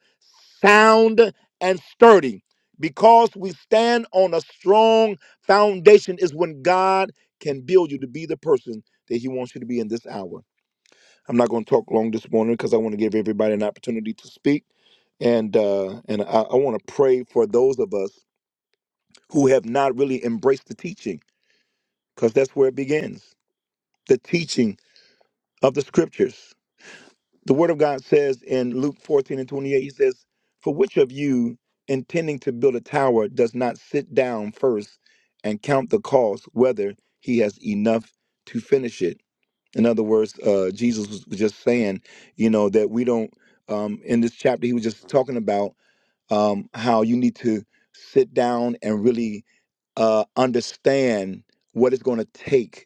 A: sound, and sturdy. Because we stand on a strong foundation is when God can build you to be the person that He wants you to be in this hour. I'm not going to talk long this morning because I want to give everybody an opportunity to speak, and uh, and I, I want to pray for those of us who have not really embraced the teaching, because that's where it begins. The teaching of the scriptures. The Word of God says in Luke 14 and 28, He says, "For which of you intending to build a tower does not sit down first and count the cost, whether he has enough to finish it?" In other words, uh, Jesus was was just saying, you know, that we don't, um, in this chapter, he was just talking about um, how you need to sit down and really uh, understand what it's going to take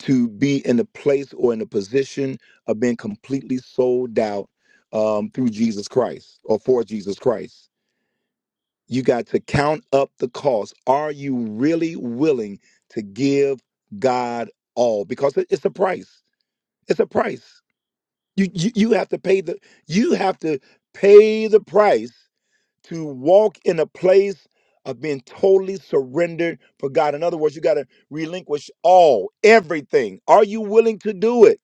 A: to be in a place or in a position of being completely sold out um, through Jesus Christ or for Jesus Christ. You got to count up the cost. Are you really willing to give God all? Because it- it's a price. It's a price. You, you you have to pay the you have to pay the price to walk in a place of being totally surrendered for God. In other words, you got to relinquish all, everything. Are you willing to do it?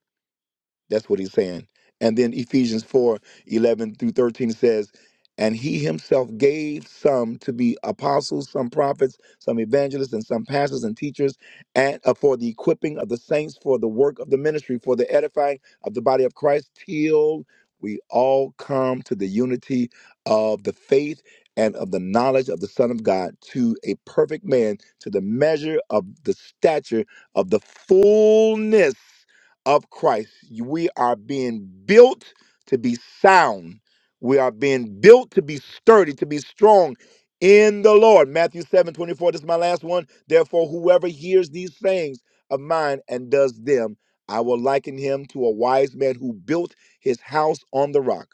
A: That's what he's saying. And then Ephesians 4 11 through 13 says, And he himself gave some to be apostles, some prophets, some evangelists, and some pastors and teachers, and uh, for the equipping of the saints, for the work of the ministry, for the edifying of the body of Christ, till we all come to the unity of the faith and of the knowledge of the Son of God, to a perfect man, to the measure of the stature of the fullness of Christ. We are being built to be sound. We are being built to be sturdy, to be strong in the Lord. Matthew 7 24. This is my last one. Therefore, whoever hears these sayings of mine and does them, I will liken him to a wise man who built his house on the rock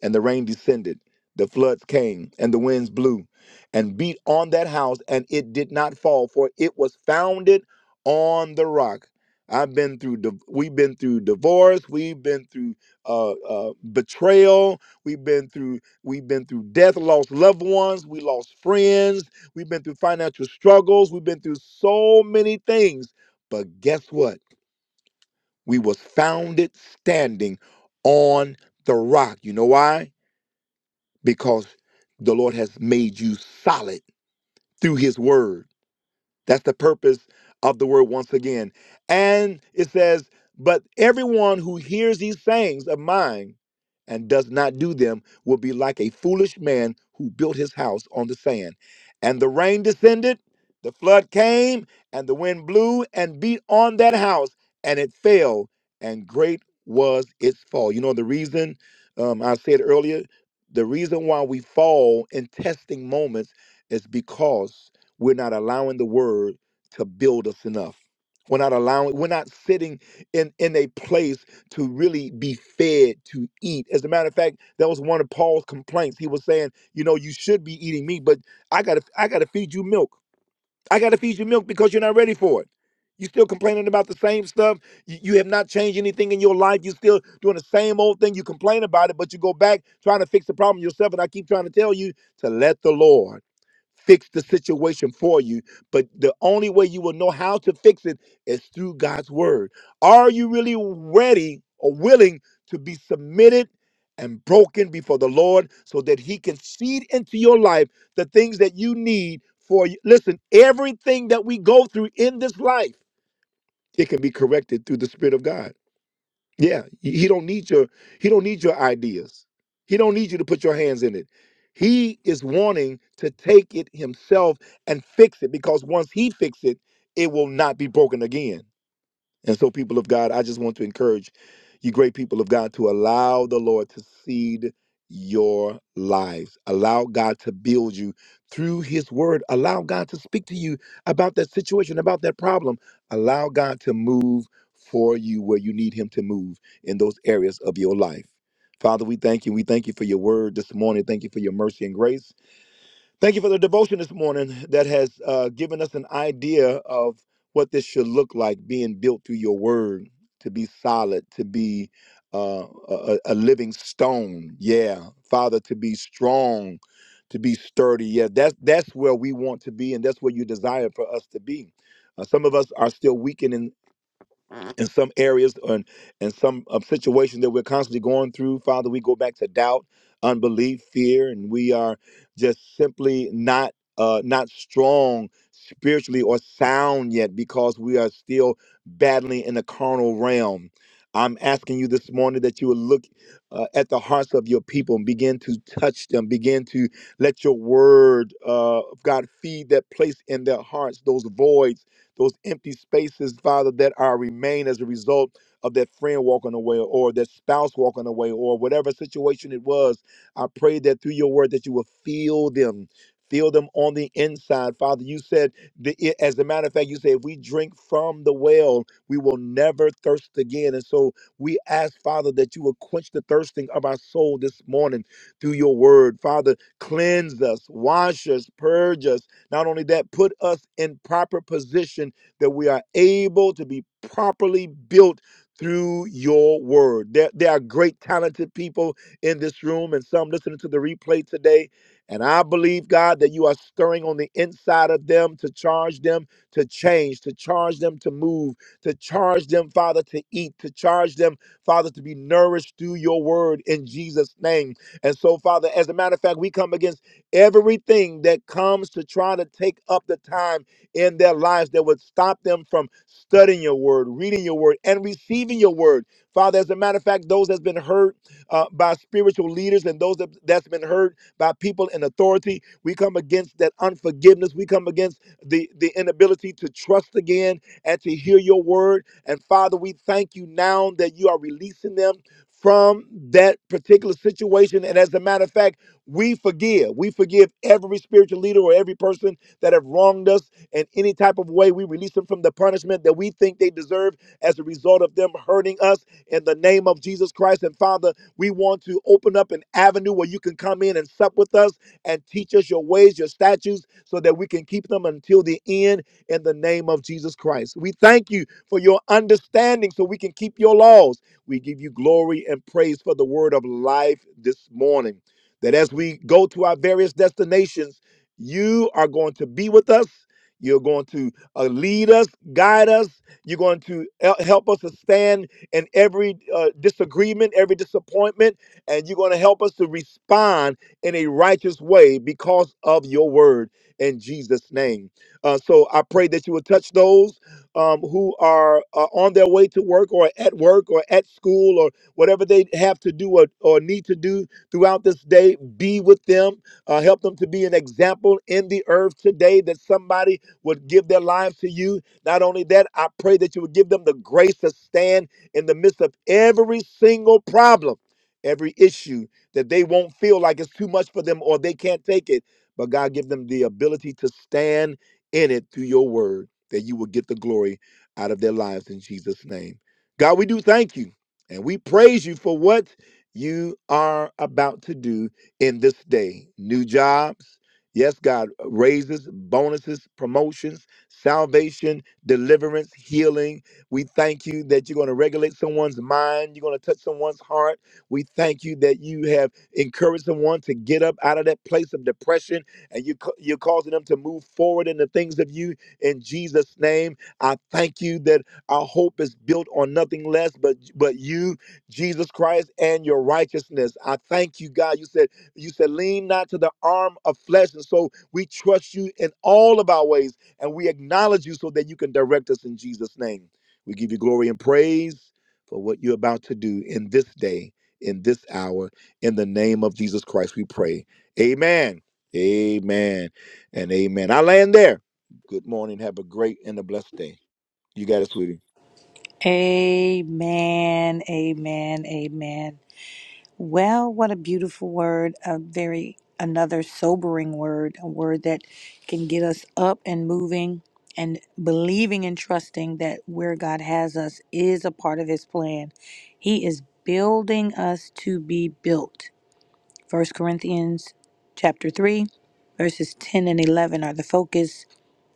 A: and the rain descended, the floods came, and the winds blew and beat on that house, and it did not fall, for it was founded on the rock. I've been through, div- we've been through divorce, we've been through uh, uh, betrayal, we've been through, we've been through death, lost loved ones, we lost friends, we've been through financial struggles, we've been through so many things. But guess what? We was founded standing on the rock. You know why? because the Lord has made you solid through his word. That's the purpose of the word once again. And it says, But everyone who hears these sayings of mine and does not do them will be like a foolish man who built his house on the sand. And the rain descended, the flood came, and the wind blew and beat on that house, and it fell, and great was its fall. You know, the reason um, I said earlier, the reason why we fall in testing moments is because we're not allowing the word to build us enough. We're not allowing, we're not sitting in, in a place to really be fed to eat. As a matter of fact, that was one of Paul's complaints. He was saying, you know, you should be eating meat, but I gotta I gotta feed you milk. I gotta feed you milk because you're not ready for it. You're still complaining about the same stuff. You, you have not changed anything in your life. You're still doing the same old thing. You complain about it, but you go back trying to fix the problem yourself. And I keep trying to tell you to let the Lord fix the situation for you. But the only way you will know how to fix it is through God's word. Are you really ready or willing to be submitted and broken before the Lord so that He can seed into your life the things that you need for you? Listen, everything that we go through in this life, it can be corrected through the Spirit of God. Yeah, he don't need your he don't need your ideas. He don't need you to put your hands in it. He is wanting to take it himself and fix it because once he fixes it, it will not be broken again. And so, people of God, I just want to encourage you, great people of God, to allow the Lord to seed your lives. Allow God to build you through His Word. Allow God to speak to you about that situation, about that problem. Allow God to move for you where you need Him to move in those areas of your life. Father, we thank you. We thank you for your word this morning. Thank you for your mercy and grace. Thank you for the devotion this morning that has uh, given us an idea of what this should look like being built through your word, to be solid, to be uh, a, a living stone. Yeah, Father, to be strong, to be sturdy. Yeah, that's, that's where we want to be, and that's where you desire for us to be. Uh, some of us are still weakened in, in some areas and in some um, situations that we're constantly going through, Father, we go back to doubt, unbelief, fear, and we are just simply not uh, not strong spiritually or sound yet because we are still battling in the carnal realm. I'm asking you this morning that you will look uh, at the hearts of your people and begin to touch them, begin to let your word uh, God feed that place in their hearts, those voids those empty spaces, Father, that are remain as a result of that friend walking away or that spouse walking away or whatever situation it was. I pray that through your word that you will feel them. Feel them on the inside, Father. You said, the, i- as a matter of fact, you said, if we drink from the well, we will never thirst again. And so we ask, Father, that you will quench the thirsting of our soul this morning through your word. Father, cleanse us, wash us, purge us, not only that, put us in proper position that we are able to be properly built through your word. There, there are great, talented people in this room and some listening to the replay today. And I believe, God, that you are stirring on the inside of them to charge them to change, to charge them to move, to charge them, Father, to eat, to charge them, Father, to be nourished through your word in Jesus' name. And so, Father, as a matter of fact, we come against everything that comes to try to take up the time in their lives that would stop them from studying your word, reading your word, and receiving your word. Father, as a matter of fact, those that's been hurt uh, by spiritual leaders and those that, that's been hurt by people in authority, we come against that unforgiveness. We come against the, the inability to trust again and to hear your word. And Father, we thank you now that you are releasing them from that particular situation. And as a matter of fact, we forgive. We forgive every spiritual leader or every person that have wronged us in any type of way. We release them from the punishment that we think they deserve as a result of them hurting us in the name of Jesus Christ. And Father, we want to open up an avenue where you can come in and sup with us and teach us your ways, your statutes, so that we can keep them until the end in the name of Jesus Christ. We thank you for your understanding so we can keep your laws. We give you glory and praise for the word of life this morning that as we go to our various destinations, you are going to be with us. You're going to uh, lead us, guide us. You're going to hel- help us to stand in every uh, disagreement, every disappointment, and you're going to help us to respond in a righteous way because of your word in Jesus' name. Uh, so I pray that you will touch those um, who are uh, on their way to work or at work or at school or whatever they have to do or, or need to do throughout this day. Be with them. Uh, help them to be an example in the earth today that somebody would give their lives to you. Not only that, I pray that you would give them the grace to stand in the midst of every single problem, every issue that they won't feel like it's too much for them or they can't take it. But God, give them the ability to stand in it through your word, that you will get the glory out of their lives in Jesus' name. God, we do thank you and we praise you for what you are about to do in this day. New jobs. Yes, God, raises, bonuses, promotions, salvation, deliverance, healing. We thank you that you're going to regulate someone's mind. You're going to touch someone's heart. We thank you that you have encouraged someone to get up out of that place of depression and you, ca- you're causing them to move forward in the things of you in Jesus' name. I thank you that our hope is built on nothing less but, but you Jesus Christ and your righteousness. I thank you, God. You said, you said, lean not to the arm of flesh. And so we trust you in all of our ways and we acknowledge you so that you can direct us in Jesus' name. We give you glory and praise for what you're about to do in this day, in this hour, in the name of Jesus Christ, we pray. Amen. Amen. And amen. I land there. Good morning. Have a great and a blessed day. You got it, sweetie.
B: Amen. Amen. Amen. Well, what a beautiful word, a very another sobering word, a word that can get us up and moving and believing and trusting that where God has us is a part of his plan. He is building us to be built. First Corinthians chapter 3 verses 10 and 11 are the focus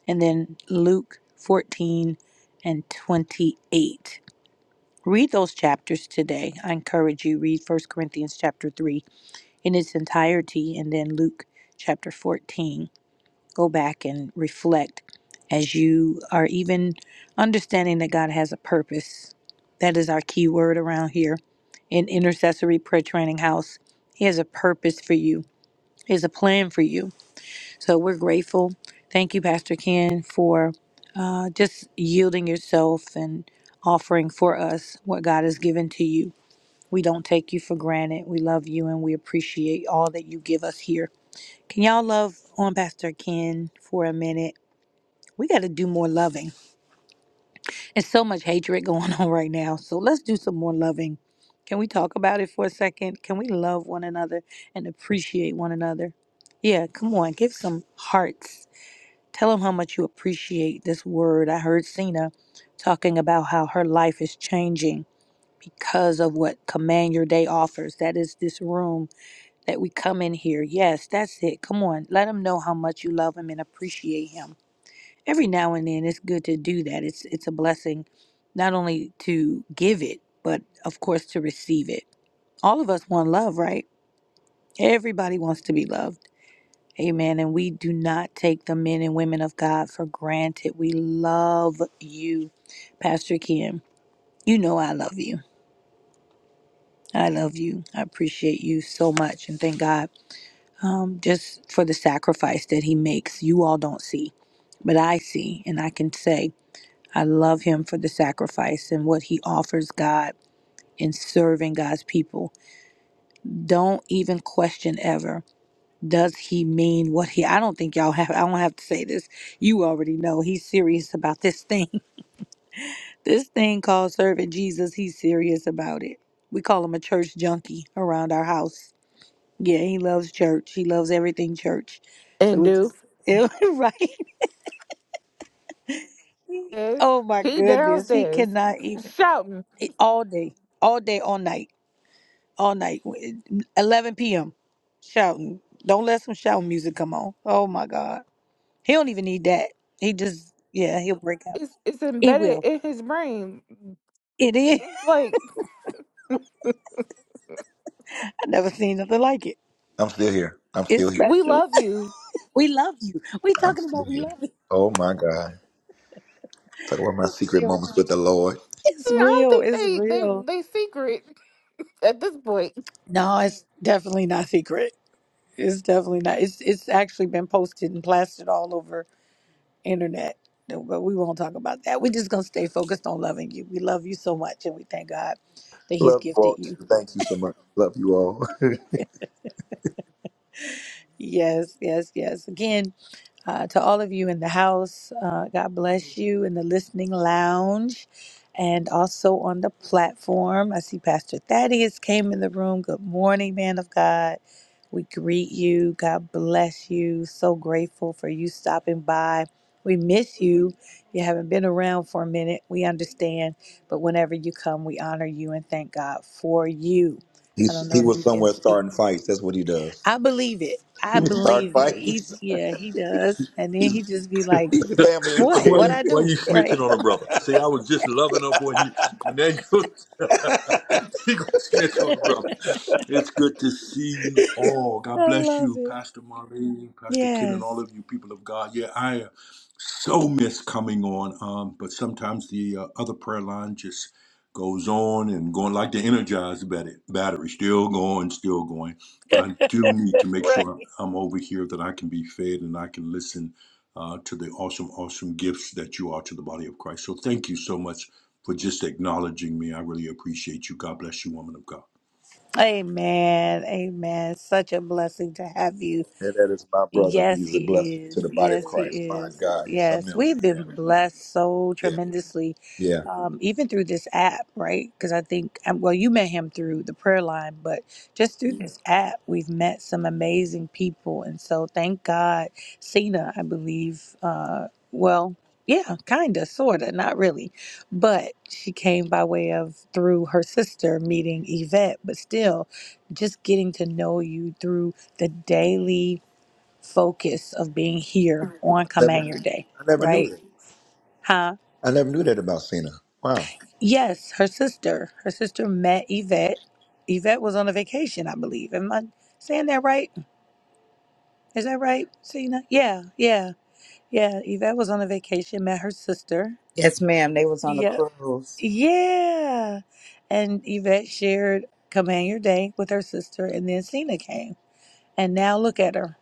B: and then Luke 14 and 28. Read those chapters today. I encourage you read First Corinthians chapter 3 in its entirety, and then Luke chapter 14. Go back and reflect as you are even understanding that God has a purpose. That is our key word around here in Intercessory Prayer Training House. He has a purpose for you, He has a plan for you. So we're grateful. Thank you, Pastor Ken, for uh, just yielding yourself and offering for us what God has given to you. We don't take you for granted. We love you and we appreciate all that you give us here. Can y'all love on Pastor Ken for a minute? We got to do more loving. There's so much hatred going on right now. So let's do some more loving. Can we talk about it for a second? Can we love one another and appreciate one another? Yeah, come on. Give some hearts. Tell them how much you appreciate this word. I heard Cena talking about how her life is changing because of what Command Your Day offers. That is this room that we come in here. Yes, that's it. Come on, let him know how much you love him and appreciate him. Every now and then, it's good to do that. It's it's a blessing, not only to give it, but of course to receive it. All of us want love, right? Everybody wants to be loved. Amen. And we do not take the men and women of God for granted. We love you, Pastor Kim. You know I love you. I love you. I appreciate you so much and thank God um, just for the sacrifice that he makes. You all don't see, but I see, and I can say I love him for the sacrifice and what he offers God in serving God's people. Don't even question ever. Does he mean what he? I don't think y'all have. I don't have to say this. You already know he's serious about this thing. This thing called serving Jesus. He's serious about it. We call him a church junkie around our house. Yeah, he loves church. He loves everything church. So
E: And
B: we
E: do
B: just right.
E: is
B: Oh my
E: he
B: goodness, he
E: downstairs
B: cannot even
E: shouting?
B: he- all day, all day, all night, all night. w- 11 p.m. shouting. Don't let some shouting music come on. Oh my God, he don't even need that. He just yeah, he'll break out.
E: It's it's
B: He
E: embedded
B: will.
E: in his brain.
B: It is.
E: It's like
B: I never seen nothing like it.
A: I'm still here. I'm
B: It's
A: still here.
E: we
B: special.
E: love you.
B: We love you. We
A: I'm
B: talking
A: still
B: about we
A: here.
B: love you.
A: Oh my God. Talk about my
B: It's
A: secret
B: real.
A: moments with the Lord.
B: It's
E: I don't
B: real.
E: think
B: It's
E: they they
B: real.
E: they secret at this point.
B: No, it's definitely not secret. It's definitely not. It's it's actually been posted and plastered all over internet. But we won't talk about that. We're just gonna stay focused on loving you. We love you so much, and we thank God that He's
A: Love you
B: gifted
A: all. too.
B: you.
A: Thank you so much. Love you all.
B: Yes, yes, yes. Again. Uh, to all of you in the house, uh, God bless you in the listening lounge and also on the platform. I see Pastor Thaddeus came in the room. Good morning, man of God. We greet you. God bless you. So grateful for you stopping by. We miss you. You haven't been around for a minute. We understand. But whenever you come, we honor you and thank God for you. I don't
A: He's
B: know
A: he
B: if
A: was
B: you can
A: somewhere
B: speak.
A: starting fights. That's what he does.
B: I believe it. I
A: He was starting
B: believe it. He,
A: fights.
B: yeah, he does. And then he
A: He's
B: just be like,
A: he's a family
B: "What?
J: Why
B: What
A: instigator.
J: you
B: I
J: why you
B: do?"
J: snitching
B: Right?
J: on a brother? See, I was just loving her boy, and you and now you you gonna snitch on a brother. It's good to see you all. God
B: I
J: bless
B: love
J: you,
B: it.
J: Pastor Marie, Pastor Ken, and all
B: Yes.
J: of you people of God. Yeah, I uh, so miss coming on, um, but sometimes the uh, other prayer line just goes on and going like the energized battery, battery, still going, still going. But I do need to make
B: Right.
J: sure I'm over here that I can be fed and I can listen uh, to the awesome, awesome gifts that you are to the body of Christ. So thank you so much for just acknowledging me. I really appreciate you. God bless you, woman of God.
B: Amen. Amen. Such a blessing to have you.
A: And that is my brother.
B: Yes,
A: He's a blessing
B: he
A: to
B: is.
A: the body of
B: Yes, he
A: Christ. My
B: is.
A: God, he's something
B: Yes,
A: else.
B: we've been
A: Yeah.
B: blessed so
A: Yeah.
B: tremendously,
A: Yeah.
B: um, even through this app, right? Because I think, um, well, you met him through the prayer line, but just through this app, we've met some amazing people. And so thank God, Cena, I believe, uh, well, yeah, kind of, sort of, not really. But she came by way of through her sister meeting Yvette, but still just getting to know you through the daily focus of being here on Command
A: Never,
B: Your Day,
A: I never knew
B: right?
A: that.
B: Huh?
A: I never knew that about Cena. Wow.
B: Yes, her sister. Her sister met Yvette. Yvette was on a vacation, I believe. Am I saying that right? Is that right, Cena? Yeah, yeah, yeah. Yvette was on a vacation, met her sister.
I: Yes, ma'am. They was on the
B: Yeah,
I: cruise.
B: yeah. And Yvette shared Command Your Day with her sister, and then Cena came. And now look at her.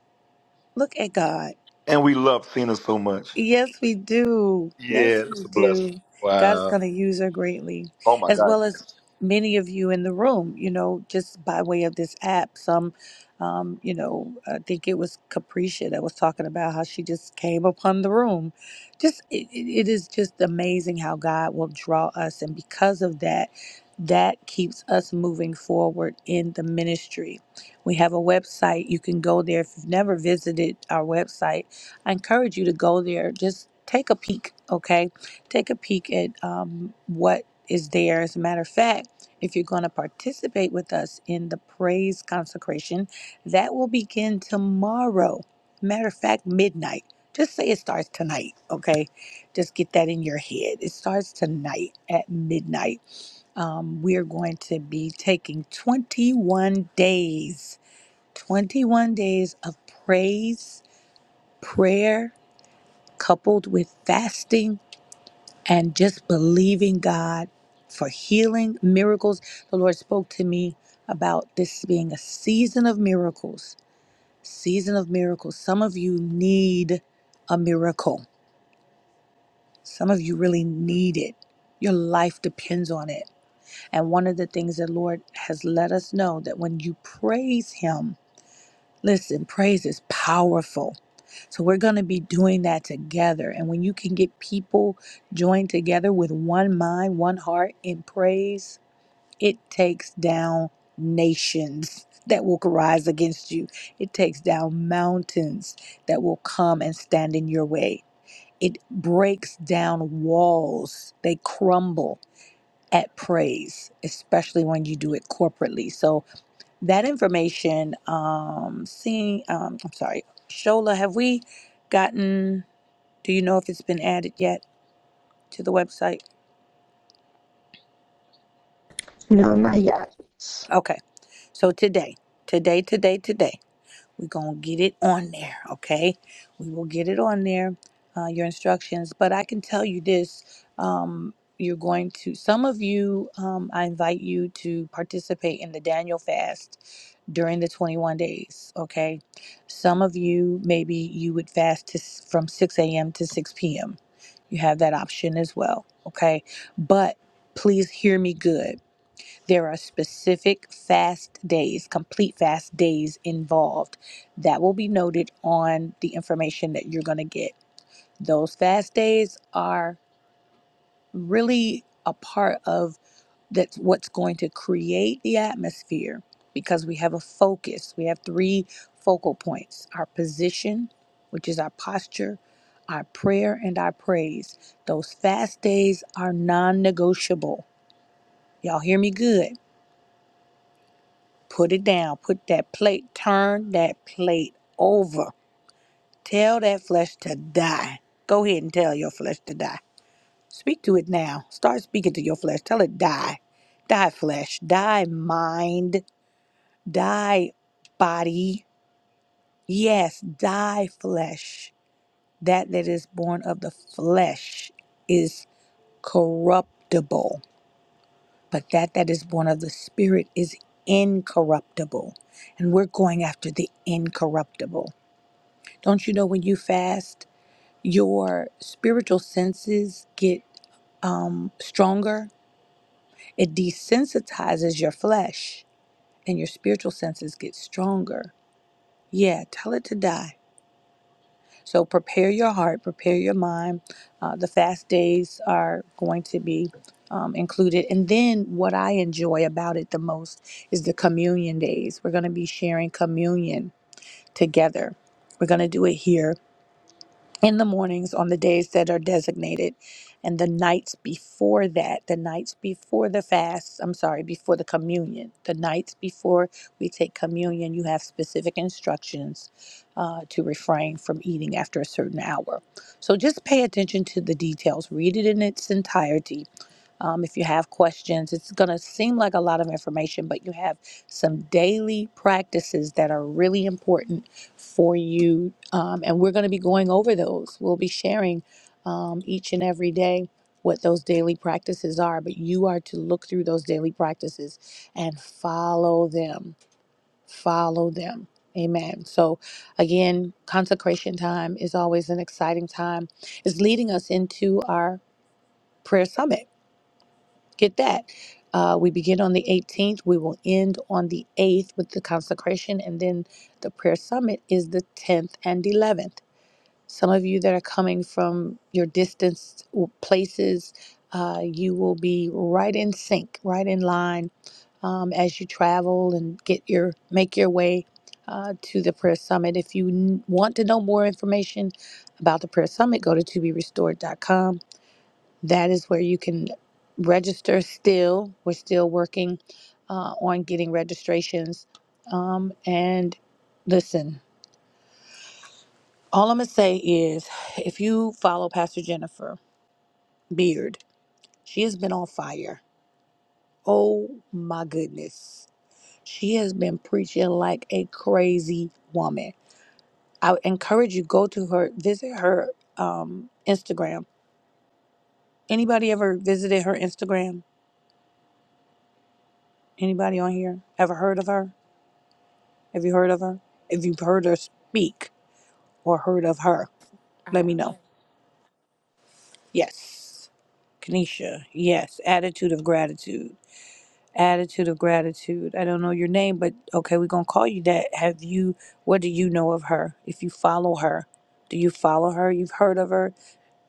B: Look at God.
A: And we love Cena so much.
B: Yes, we do.
A: Yeah,
B: Yes, we
A: that's a blessing.
B: do. God is
A: Wow.
B: going to use her greatly,
A: Oh my
B: as
A: God.
B: well
A: yes.
B: as many of you in the room, you know, just by way of this app. Some, um, you know, I think it was Capricia that was talking about how she just came upon the room. Just, it, it it is just amazing how God will draw us. And because of that, that keeps us moving forward in the ministry. We have a website. You can go there if you've never visited our website I encourage you to go there. Just take a peek, okay? Take a peek at um, what is there. As a matter of fact, if you're going to participate with us in the praise consecration, that will begin tomorrow. Matter of fact, midnight. Just say it starts tonight, okay? Just get that in your head. It starts tonight at midnight. Um, we're going to be taking 21 days, 21 days of praise, prayer, coupled with fasting and just believing God for healing miracles. The Lord spoke to me about this being a season of miracles. Season of miracles. Some of you need a miracle. Some of you really need it. Your life depends on it. And one of the things the Lord has let us know that when you praise Him, listen, praise is powerful So we're going to be doing that together. And when you can get people joined together with one mind, one heart in praise, it takes down nations that will rise against you. It takes down mountains that will come and stand in your way. It breaks down walls. They crumble at praise, especially when you do it corporately. So that information, um, seeing, um, I'm sorry, Shola, have we gotten? Do you know if it's been added yet to the website?
K: No, my God.
B: Okay. So today, today, today, today, we're going to get it on there. Okay. We will get it on there, uh, your instructions. But I can tell you this um, you're going to, some of you, um, I invite you to participate in the Daniel fast during the 21 days. Okay. Some of you, maybe you would fast to, s- from 6 a.m. to 6 p.m. You have that option as well. Okay. But please hear me good There are specific fast days, complete fast days involved that will be noted on the information that you're going to get. Those fast days are really a part of that's what's going to create the atmosphere because we have a focus. We have three focal points our position, which is our posture, our prayer, and our praise. Those fast days are non negotiable. Y'all hear me good Put it down. Put that plate, turn that plate over. Tell that flesh to die. Go ahead and tell your flesh to die. Speak to it now. Start speaking to your flesh. Tell it die. Die, flesh. Die, mind. Die, body. Yes, die, flesh. That that is born of the flesh is corruptible, but that that is born of the spirit is incorruptible. And we're going after the incorruptible. Don't you know when you fast, your spiritual senses get um, stronger? It desensitizes your flesh and your spiritual senses get stronger. Yeah, tell it to die. So prepare your heart, prepare your mind. Uh, the fast days are going to be um, included. And then what I enjoy about it the most is the communion days. We're going to be sharing communion together. We're going to do it here in the mornings on the days that are designated and the nights before that the nights before the fast i'm sorry before the communion the nights before we take communion you have specific instructions uh, to refrain from eating after a certain hour so just pay attention to the details read it in its entirety um, if you have questions. It's going to seem like a lot of information, but you have some daily practices that are really important for you. Um, and we're going to be going over those. We'll be sharing um, each and every day what those daily practices are, but you are to look through those daily practices and follow them. Follow them. Amen. So, again, consecration time is always an exciting time. It's leading us into our prayer summit Get that. Uh, we begin on the 18th. We will end on the 8th with the consecration, and then the prayer summit is the 10th and 11th. Some of you that are coming from your distanced w- places, uh, you will be right in sync, right in line um, as you travel and get your make your way uh, to the prayer summit. If you n- want to know more information about the prayer summit, go to to be restored dot com that is where you can register still we're still working uh, on getting registrations um, and listen all i'm going to say is if you follow pastor jennifer beard she has been on fire oh my goodness she has been preaching like a crazy woman i would encourage you go to her visit her um, instagram anybody ever visited her instagram anybody on here ever heard of her Have you heard of her? If you've heard her speak or heard of her,
E: I
B: let me
E: have.
B: know. Yes. Kanisha, yes. Attitude of gratitude. Attitude of gratitude. I don't know your name, but okay, we're going to call you that. Have you, what do you know of her? If you follow her, do you follow her? You've heard of her.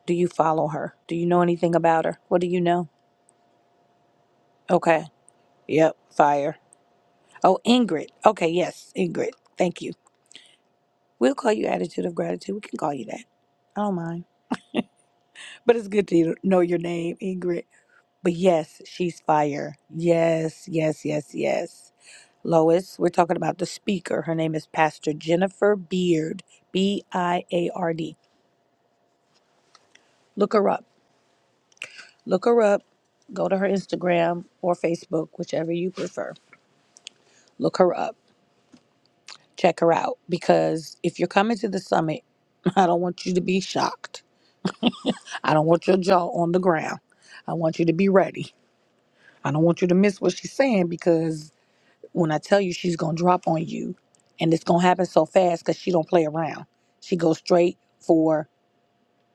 B: Do you follow her? Do you know anything about her? What do you know? Okay. Yep. Fire. Oh, Ingrid. Okay. Yes. Ingrid. Thank you. We'll call you attitude of gratitude. We can call you that. I don't mind. But it's good to know your name, Ingrid. But yes, she's fire. Yes, yes, yes, yes. Lois, we're talking about the speaker. Her name is Pastor Jennifer Beard, B I A R D. Look her up. Look her up. Go to her Instagram or Facebook, whichever you prefer. Look her up. Check her out because if you're coming to the summit, I don't want you to be shocked. I don't want your jaw on the ground. I want you to be ready. I don't want you to miss what she's saying because when I tell you she's gonna drop on you, and it's gonna happen so fast because she don't play around. She goes straight for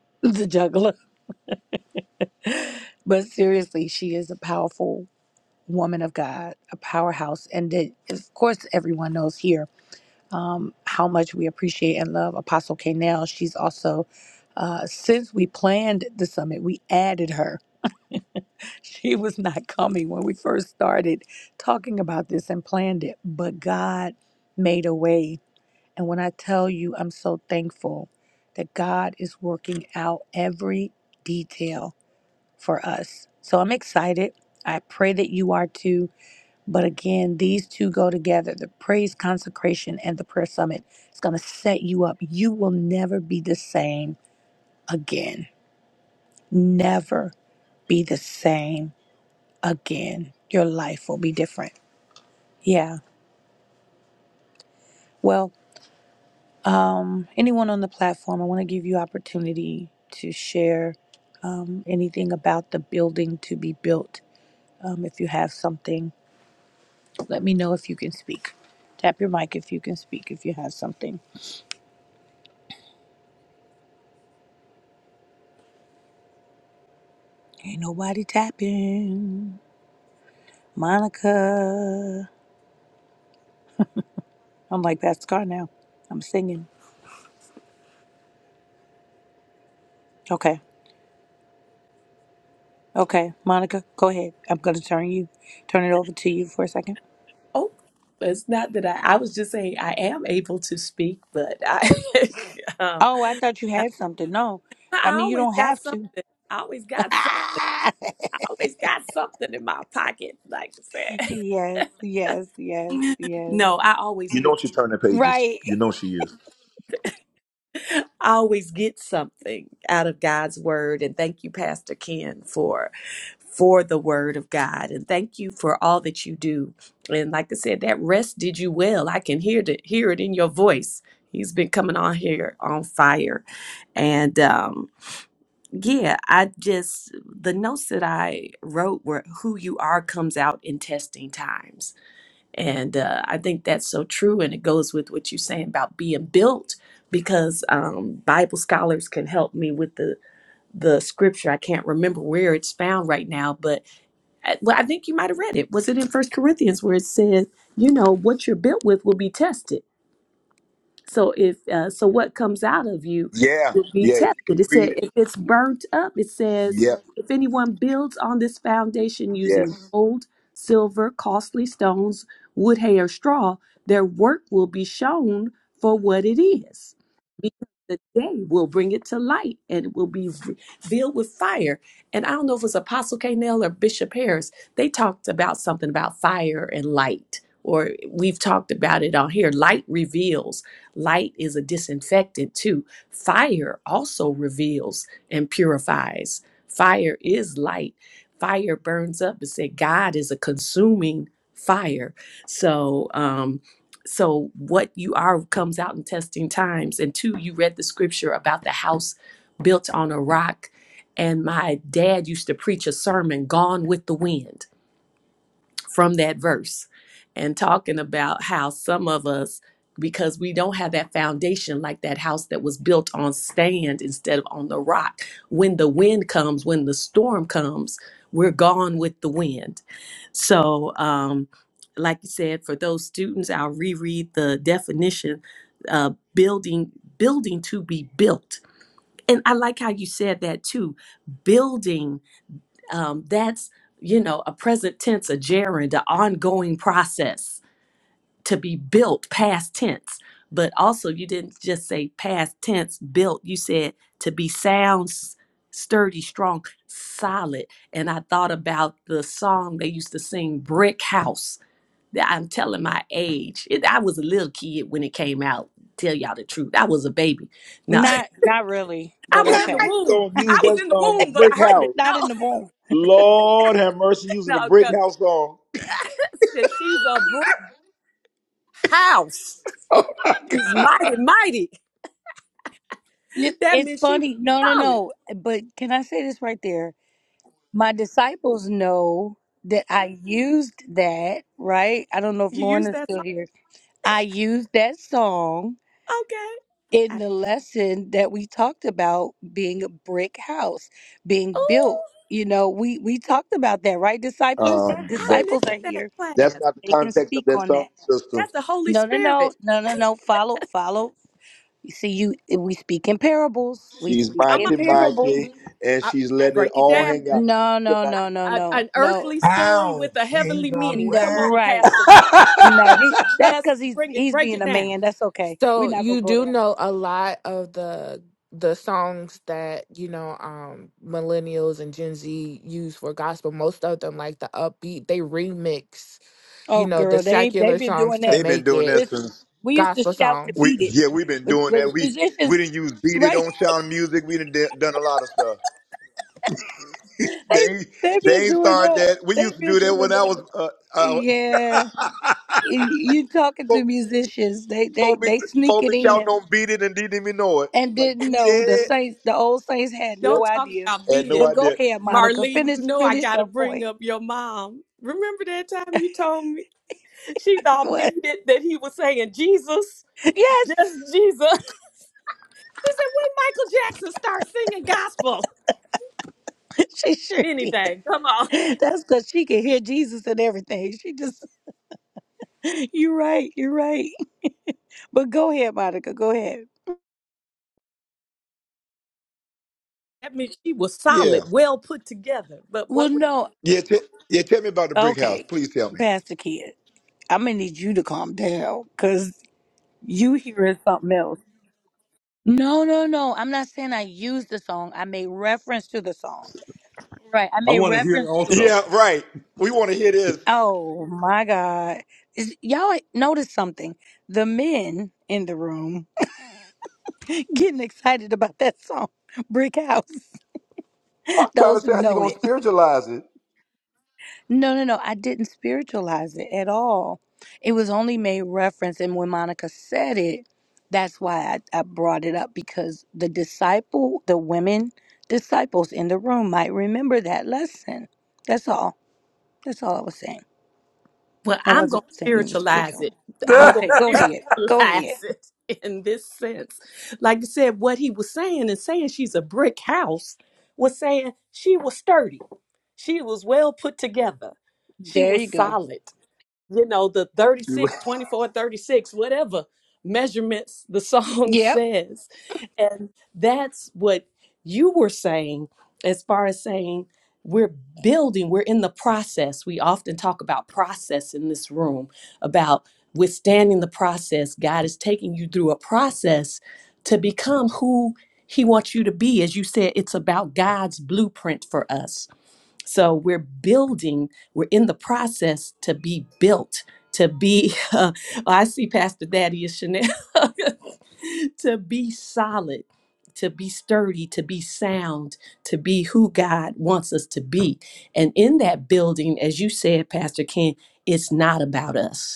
B: the juggler. But seriously, she is a powerful woman of God, a powerhouse, and that, of course everyone knows here um, how much we appreciate and love Apostle Kanell. She's also uh, since we planned the summit, we added her. She was not coming when we first started talking about this and planned it, but God made a way And when I tell you, I'm so thankful that God is working out every detail for us. So I'm excited. I pray that you are too. But again, these two go together the praise consecration and the prayer summit. It's going to set you up. You will never be the same again. Never be the same again. Your life will be different. Yeah. Well. Um, anyone on the platform, I want to give you opportunity to share um, anything about the building to be built. Um, if you have something, let me know if you can speak. Tap your mic if you can speak. If you have something, ain't nobody tapping. Monica, I'm like Pastor Car now. I'm singing. Okay, okay, Monica, go ahead. I'm gonna turn you, turn it over to you for a second.
C: Oh, but it's not that I, I was just saying I am able to speak, but I, um,
B: Oh, I thought you
C: I
B: had something. No, I mean you
C: always
B: don't
C: got
B: have to.
C: something. I always got some, I always got something in my pocket, like I said.
B: Yes, yes, yes, yes.
C: No, I always
A: You know
C: get
A: she turning pages.
B: Right.
A: You know she is.
C: I always get something out of God's word. And thank you, Pastor Ken, for for the word of God. And thank you for all that you do. And like I said, that rest did you well. I can hear it, hear it in your voice. He's been coming on here on fire. And um, yeah, I just, the notes that I wrote were who you are comes out in testing times. And uh, I think that's so true. And it goes with what you're saying about being built because um, Bible scholars can help me with the, the scripture. I can't remember where it's found right now, but I- well, I think you might have read it. Was it in First Corinthians where it says, you know, what you're built with will be tested? So if uh, so, what comes out of you
A: Yeah,
C: will be
A: yeah. If you
C: tested.
A: keep
C: It said
A: reading,
C: if it's burnt up, it says
A: yeah,
C: if anyone builds on this foundation using
A: yes.
C: gold, silver, costly stones, wood, hay, or straw, their work will be shown for what it is. Because the day will bring it to light and it will be filled with fire. And I don't know if it was Apostle K. or Bishop Harris, they talked about something about fire and light, or we've talked about it on here. Light reveals Light is a disinfectant too. Fire also reveals and purifies. Fire is light. Fire burns up. It said God is a consuming fire. So, um, so what you are comes out in testing times. And two, you read the scripture about the house built on a rock. And my dad used to preach a sermon, Gone with the Wind from that verse and talking about how some of us because we don't have that foundation like that house that was built on sand instead of on the rock when the wind comes when the storm comes we're gone with the wind so um like you said for those students i'll reread the definition uh building building to be built and i like how you said that too building um, that's you know a present tense a gerund an ongoing process to be built past tense but also you didn't just say past tense built you said to be sound s- sturdy strong solid and i thought about the song they used to sing brick house That- i'm telling my age It- i was a little kid when it came out tell y'all the truth i was a baby no
B: Not not really,
C: i
B: but
C: was
A: Now
C: in the
A: how
B: okay.
A: you
C: womb
A: gonna
C: i
A: use
C: was
A: that
C: in the
A: song,
C: womb but i
A: Brick
C: heard it
A: House?
C: no
B: Not in the womb.
A: Lord have mercy, using a
C: no
A: Brick
C: 'cause-
A: House song.
C: said she's a brick. house. She's mighty, mighty.
B: You-
C: That
B: It's
C: means she was
B: funny. No, no,
C: solid.
B: no. But can I say this right there? My disciples know that I used that, right? I don't know if
C: You
B: Lauren
C: use
B: is
C: that
B: still
C: song.
B: here. I used that song
C: Okay.
B: in the lesson that we talked about being a brick house, being
C: Oh,
B: built. You know, we we talked about that, right, disciples?
A: Um,
C: I
A: but
C: missed
B: Disciples are
C: that
B: here.
A: that's
C: class.
A: not the
B: They can
A: context of
B: speak
A: that
B: on
A: song
B: that.
A: sister.
C: That's the Holy
B: No, no, no,
C: Spirit.
B: no, no, no. Follow, follow. You see, you we speak in parables. We
A: She's
B: speak
C: Come
B: in
C: on.
A: mighty,
B: parables.
A: mighty, and
C: I,
A: she's letting it
C: break it
A: all
C: down.
A: hang out.
B: No,
A: You
B: no,
A: cannot-
B: no, no,
C: I, I,
B: no,
C: an
B: no,
C: earthly story with a heavenly meaning.
B: no.
C: Come on,
B: Right?
C: Pastor Mark.
B: No, he. That's
C: Let's
B: because he's
C: bring it,
B: he's
C: break
B: being
C: it
B: a
C: down.
B: man. That's okay. We're
E: So
B: not gonna
E: you
B: go
E: do
B: there.
E: know a lot of the the songs that you know um millennials and Gen Z use for gospel. Most of them, like the upbeat, they remix
B: Oh,
E: you know the
B: girl, they they
E: secular
B: been
E: songs
B: doing
E: to
B: that.
A: They've been
E: make
A: doing
E: it
A: that
B: Listen,
A: since
B: we used to
E: gospel
B: shout to
E: songs.
A: we.
B: beat it,
A: Yeah, we've been
B: but
A: doing
B: the
A: that. We
B: musicians,
A: we didn't use beat it
B: right?
A: on Sound Music. We done done a lot of stuff.
B: they
A: They
B: they been
A: they ain't
B: doing
A: started
B: that.
A: that. We
B: They
A: used to
B: been
A: do that
B: doing
A: when I
B: that.
A: was uh, uh,
B: Yeah, you you talking to
A: Fo-
B: musicians? They they
A: Phobics,
B: they sneak it
A: phobics, y'all
B: in.
A: don't beat it and didn't even know it.
B: and
A: Like
B: didn't
A: beat
B: know the
A: it.
B: saints the old saints had
A: Yeah,
B: no
C: Don't talk
B: idea
C: about
A: had
C: beat
A: no
C: it.
B: but go
A: idea.
B: ahead monica
C: Marlene, you
B: finish
C: know I
B: finish
C: gotta
B: your
C: bring
B: point
C: up your mom. Remember that time you told me she thought
B: what
C: beat it that he was saying Jesus,
B: yes
C: just Jesus. She said, when Michael Jackson start singing gospel?
B: she sure did
C: Anything. Come on.
B: that's because she can hear jesus and everything she just you're right you're right but go ahead monica go ahead
C: I mean she was
A: Yeah,
C: solid, well put together. But
B: well
C: what we
B: no
A: yeah, t- yeah. Tell me about the brick house,
B: okay
A: please tell me.
B: pastor kid i'm gonna need you to calm down because you hearing something else no no no i'm not saying i used the song i made reference to the song right i
J: I
B: made
J: want to hear
B: reference to it
J: also.
A: Yeah, right. We want to hear this.
B: Oh my God. Is, y'all notice something. The men in the room getting excited about that song, Brick House,
A: I'm trying
B: those
A: to say
B: who
A: how you
B: know
A: gonna
B: it.
A: spiritualize it.
B: No, no, no. I didn't spiritualize it at all. It was only made reference. And when Monica said it, that's why I, I brought it up because the disciple, the women disciples in the room might remember that lesson. That's all. That's all I was saying.
C: well,
B: I
C: I'm gonna
B: wasn't saying it was
C: spiritualize
B: spiritual.
C: it. I'm gonna
B: Okay, go ahead. Go ahead.
C: spiritualize it in this sense. Like you said, what he was saying and saying she's a brick house was saying she was sturdy. She was well put together. She
B: There you
C: was
B: go.
C: solid. you know, the 36, 24, 36, whatever measurements the song
B: Yep.
C: says. And that's what you were saying as far as saying we're building, we're in the process. We often talk about process in this room, about withstanding the process. God is taking you through a process to become who He wants you to be. As you said, it's about God's blueprint for us so we're building, we're in the process to be built, to be, uh, I see Pastor Daddy is Chanel, to be solid, to be sturdy, to be sound, to be who God wants us to be. And in that building, as you said, Pastor Ken, it's not about us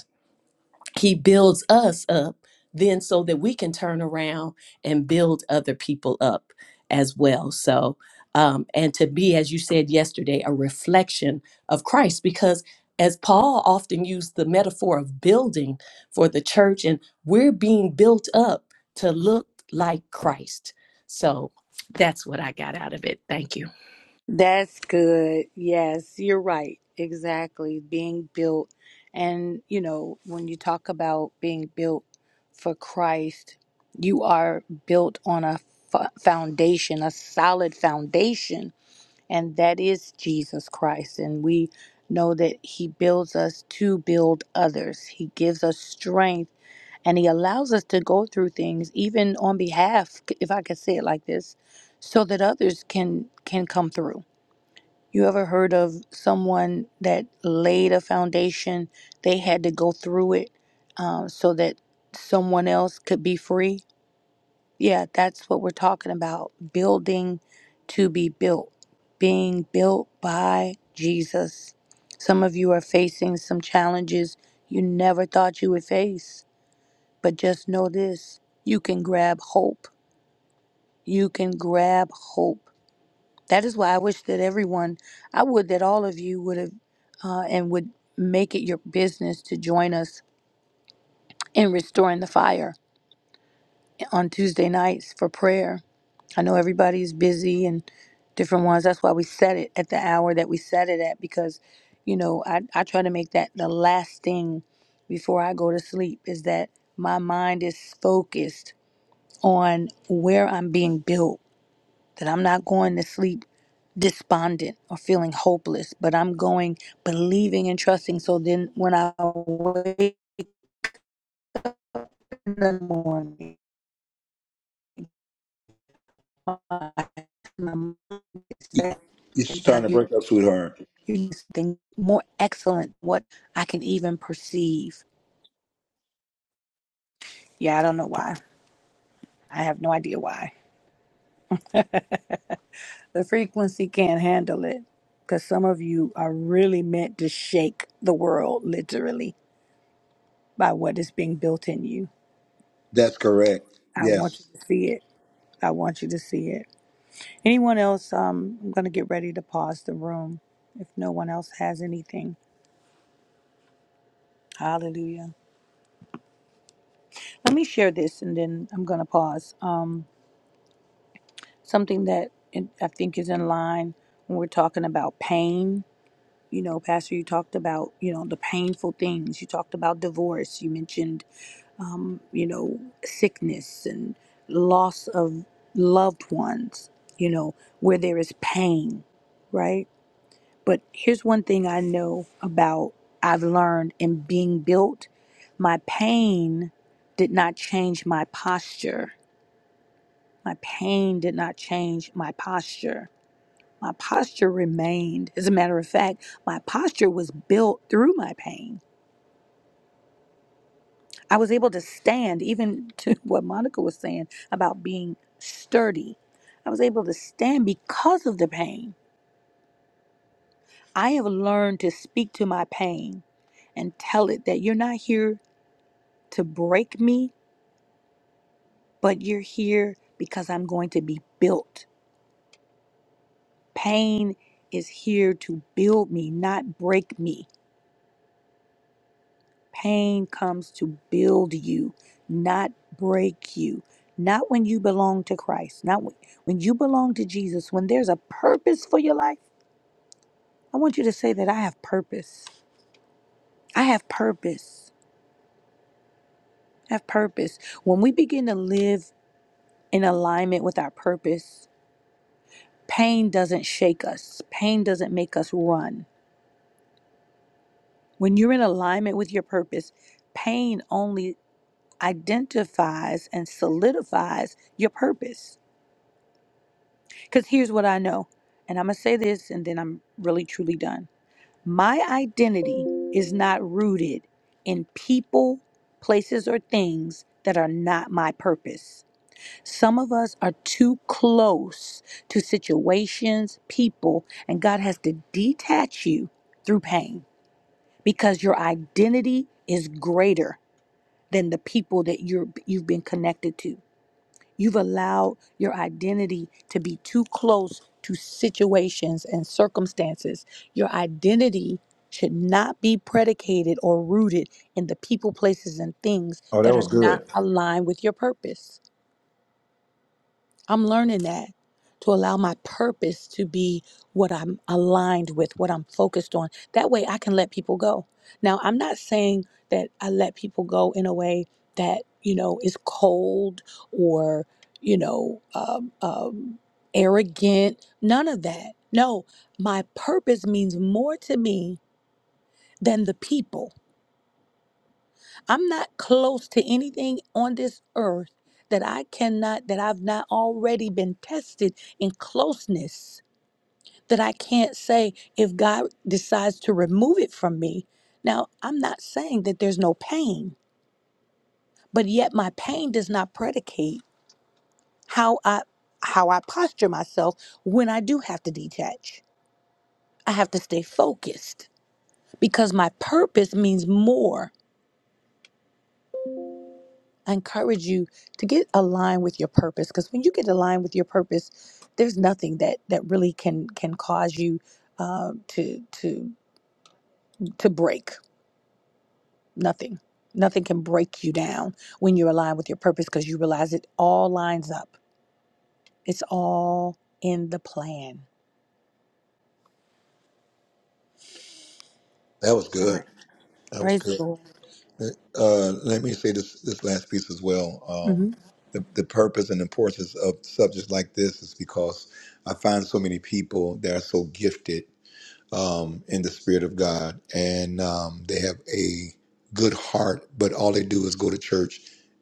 C: he builds us up then so that we can turn around and build other people up as well so um, and to be as you said yesterday a reflection of christ because as paul often used the metaphor of building for the church and we're being built up to look like christ so that's what i got out of it thank you
B: That's good. Yes, you're right. Exactly. Being built. And, you know, when you talk about being built for Christ, you are built on a f- foundation, a solid foundation. And that is Jesus Christ. And we know that He builds us to build others, He gives us strength and he allows us to go through things even on behalf if i could say it like this so that others can can come through you ever heard of someone that laid a foundation they had to go through it um, so that someone else could be free yeah that's what we're talking about building to be built being built by jesus some of you are facing some challenges you never thought you would face but just know this you can grab hope. You can grab hope. That is why I wish that everyone, I would that all of you would have uh, and would make it your business to join us in restoring the fire on Tuesday nights for prayer. I know everybody's busy and different ones. That's why we set it at the hour that we set it at because, you know, I, I try to make that the last thing before I go to sleep is that my mind is focused on where I'm being built, that I'm not going to sleep despondent or feeling hopeless, but I'm going believing and trusting. So then when I wake up in the morning, my mind is set,
A: You're
B: then
A: starting
B: God,
A: to
B: you
A: break up, sweetheart.
B: you need something more excellent, what I can even perceive. Yeah, I don't know why. I have no idea why. the frequency can't handle it because some of you are really meant to shake the world literally by what is being built in you.
A: That's correct.
B: I want you
A: Yes.
B: to see it. I want you to see it. Anyone else? Um, I'm going to get ready to pause the room if no one else has anything. Hallelujah. Let me share this and then I'm going to pause. Um, something that in- I think is in line when we're talking about pain. You know, Pastor, you talked about, you know, the painful things. You talked about divorce. You mentioned um, you know, sickness and loss of loved ones, you know, where there is pain, right? But here's one thing I know about I've learned in being built my pain did not change my posture. My pain did not change my posture. My posture remained. As a matter of fact, my posture was built through my pain I was able to stand, even to what Monica was saying about being sturdy. I was able to stand because of the pain. I have learned to speak to my pain and tell it that you're not here to break me, but you're here because I'm going to be built. Pain is here to build me, not break me. Pain comes to build you, not break you. Not when you belong to Christ, not when, when you belong to Jesus, when there's a purpose for your life. I want you to say that I have purpose. I have purpose. I have purpose. When we begin to live in alignment with our purpose, pain doesn't shake us, pain doesn't make us run. When you're in alignment with your purpose, pain only identifies and solidifies your purpose Because here's what I know, and I'm going to say this and then I'm really truly done. My identity is not rooted in people, places, or things that are not my purpose. Some of us are too close to situations, people, and God has to detach you through pain because your identity is greater than the people that you're you've been connected to. You've allowed your identity to be too close to situations and circumstances. Your identity should not be predicated or rooted in the people, places, and things
A: Oh, that
B: that
A: was
B: are not
A: good.
B: aligned with your purpose. I'm learning that to allow my purpose to be what I'm aligned with, what I'm focused on. That way I can let people go. Now, I'm not saying that I let people go in a way that, you know, is cold or, you know, um, um, arrogant. None of that. No, my purpose means more to me than the people. I'm not close to anything on this earth that I cannot, that I've not already been tested in closeness, that I can't say if God decides to remove it from me. Now, I'm not saying that there's no pain, but yet my pain does not predicate how I how I posture myself when I do have to detach. I have to stay focused because my purpose means more I encourage you to get aligned with your purpose because when you get aligned with your purpose, there's nothing that that really can can cause you uh, to to to break. Nothing, nothing can break you down when you're aligned with your purpose because you realize it all lines up. It's all in the plan.
A: That was
B: All
A: good.
B: right.
A: That was
B: Praise the
A: good.
B: Lord.
A: Uh, let me say this this last piece as well. Um,
B: hmm
A: the, the purpose and importance of subjects like this is because I find so many people that are so gifted um, in the spirit of God, and um, they have a good heart, but all they do is go to church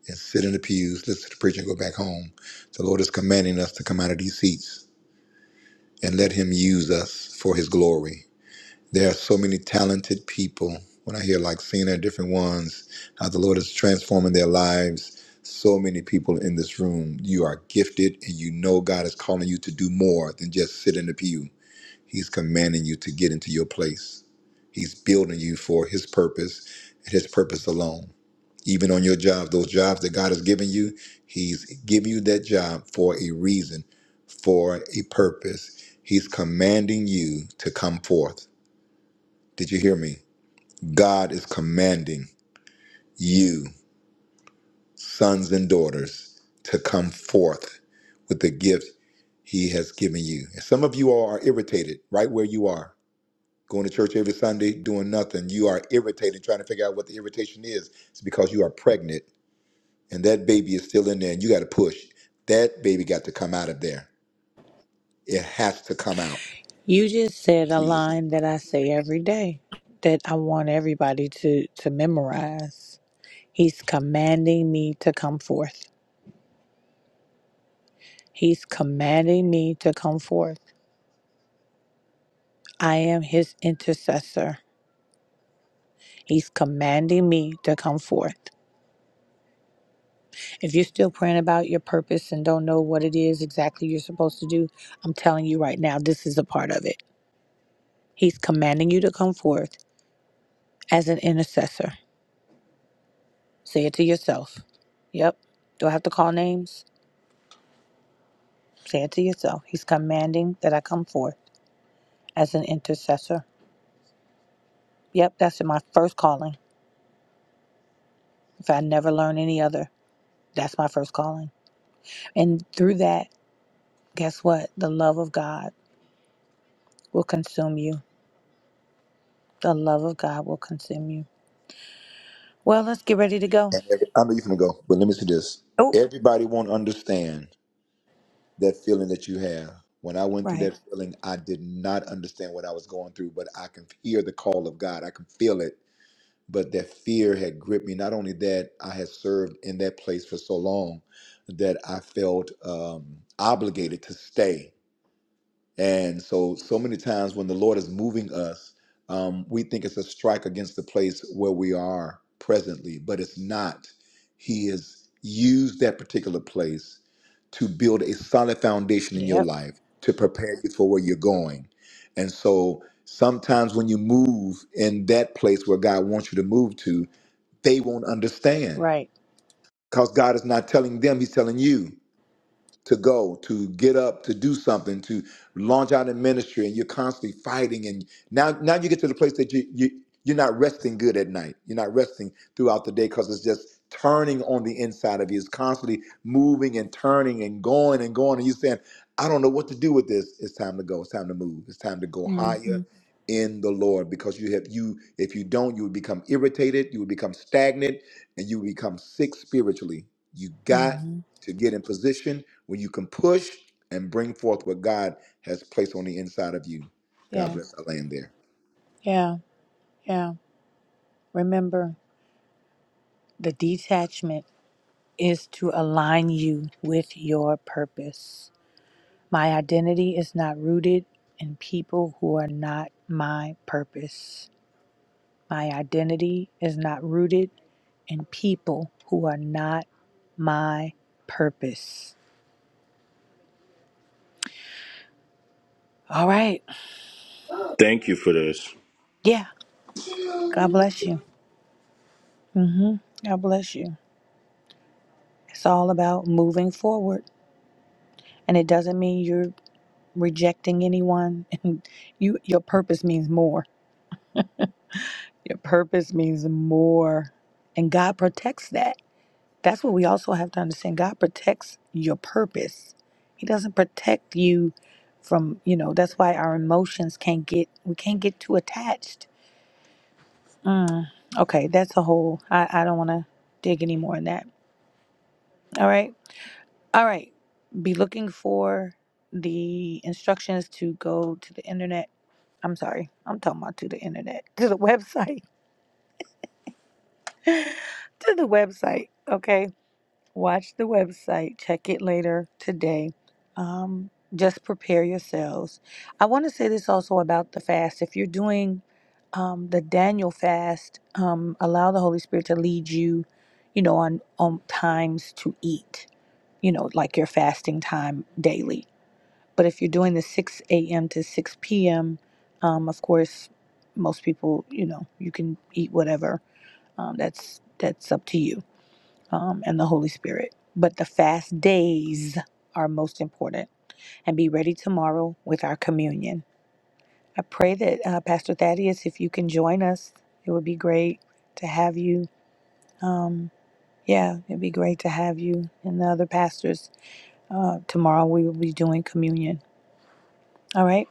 A: and sit in the pews, listen to the preacher, and go back home. The Lord is commanding us to come out of these seats and let Him use us for His glory there are so many talented people. When I hear like seeing different ones, how the Lord is transforming their lives. So many people in this room. You are gifted and you know God is calling you to do more than just sit in the pew. He's commanding you to get into your place. He's building you for his purpose and his purpose alone. Even on your job, those jobs that God has given you, he's giving you that job for a reason, for a purpose. He's commanding you to come forth. Did you hear me? God is commanding you, sons and daughters, to come forth with the gift He has given you. And some of you all are irritated right where you are, going to church every Sunday, doing nothing. You are irritated, trying to figure out what the irritation is. It's because you are pregnant and that baby is still in there and you got to push. That baby got to come out of there. It has to come out,
B: You just said a
A: Jesus.
B: line that I say every day that I want everybody to to memorize. He's commanding me to come forth. He's commanding me to come forth. I am his intercessor. He's commanding me to come forth. If you're still praying about your purpose and don't know what it is exactly you're supposed to do, I'm telling you right now, this is a part of it. He's commanding you to come forth as an intercessor. Say it to yourself. Yep. Do I have to call names? Say it to yourself. He's commanding that I come forth as an intercessor. Yep, that's my first calling. If I never learn any other, that's my first calling. And through that, guess what? The love of God will consume you. The love of God will consume you. Well, let's get ready to go.
A: And every, I'm even going to go, but let me say this.
B: Oh,
A: Everybody won't understand that feeling that you have. When I went through
B: right.
A: that feeling, I did not understand what I was going through, but I can hear the call of God. I can feel it. But that fear had gripped me. Not only that, I had served in that place for so long that I felt um, obligated to stay. And so, so many times when the Lord is moving us, um, we think it's a strike against the place where we are presently, but it's not. He has used that particular place to build a solid foundation in your
B: Yep,
A: life to prepare you for where you're going. And so, sometimes when you move in that place where God wants you to move to, they won't understand
B: right.
A: because God is not telling them, He's telling you to go, to get up, to do something, to launch out in ministry, and you're constantly fighting. And now, now you get to the place that you, you you're not resting good at night. You're not resting throughout the day because it's just turning on the inside of you. It's constantly moving and turning and going and going. And you're saying, I don't know what to do with this. It's time to go. It's time to move. It's time to go higher
B: Mm-hmm.
A: in the Lord because you have you. If you don't, you would become irritated. You would become stagnant, and you would become sick spiritually. You got
B: Mm-hmm.
A: to get in position where you can push and bring forth what God has placed on the inside of you. God
B: Yeah,
A: bless. I land there.
B: yeah, yeah. Remember, the detachment is to align you with your purpose. My identity is not rooted in people who are not my purpose. My identity is not rooted in people who are not my purpose. All right.
L: Thank you for this.
B: Yeah. God bless you. hmm God bless you. It's all about moving forward. And it doesn't mean you're rejecting anyone. And you your purpose means more. Your purpose means more. And God protects that. That's what we also have to understand. God protects your purpose. He doesn't protect you from, you know, that's why our emotions can't get, we can't get too attached. Mm, okay, that's a whole, I, I don't want to dig any more in that. All right. All right. Be looking for the instructions to go to the internet. I'm sorry. I'm talking about to the internet, to the website, to the website. Okay Watch the website, check it later today. Um, just prepare yourselves. I want to say this also about the fast. If you're doing um, the Daniel fast, um, allow the Holy Spirit to lead you, you know, on, on times to eat, you know, like your fasting time daily. But if you're doing the 6 a.m. to 6 p.m., um, of course, most people, you know, you can eat whatever. Um, that's that's up to you um, and the Holy Spirit. But the fast days are most important. And be ready tomorrow with our communion. I pray that uh, Pastor Thaddeus, if you can join us, it would be great to have you. Um, yeah, it'd be great to have you and the other pastors. Uh, tomorrow we will be doing communion. All right.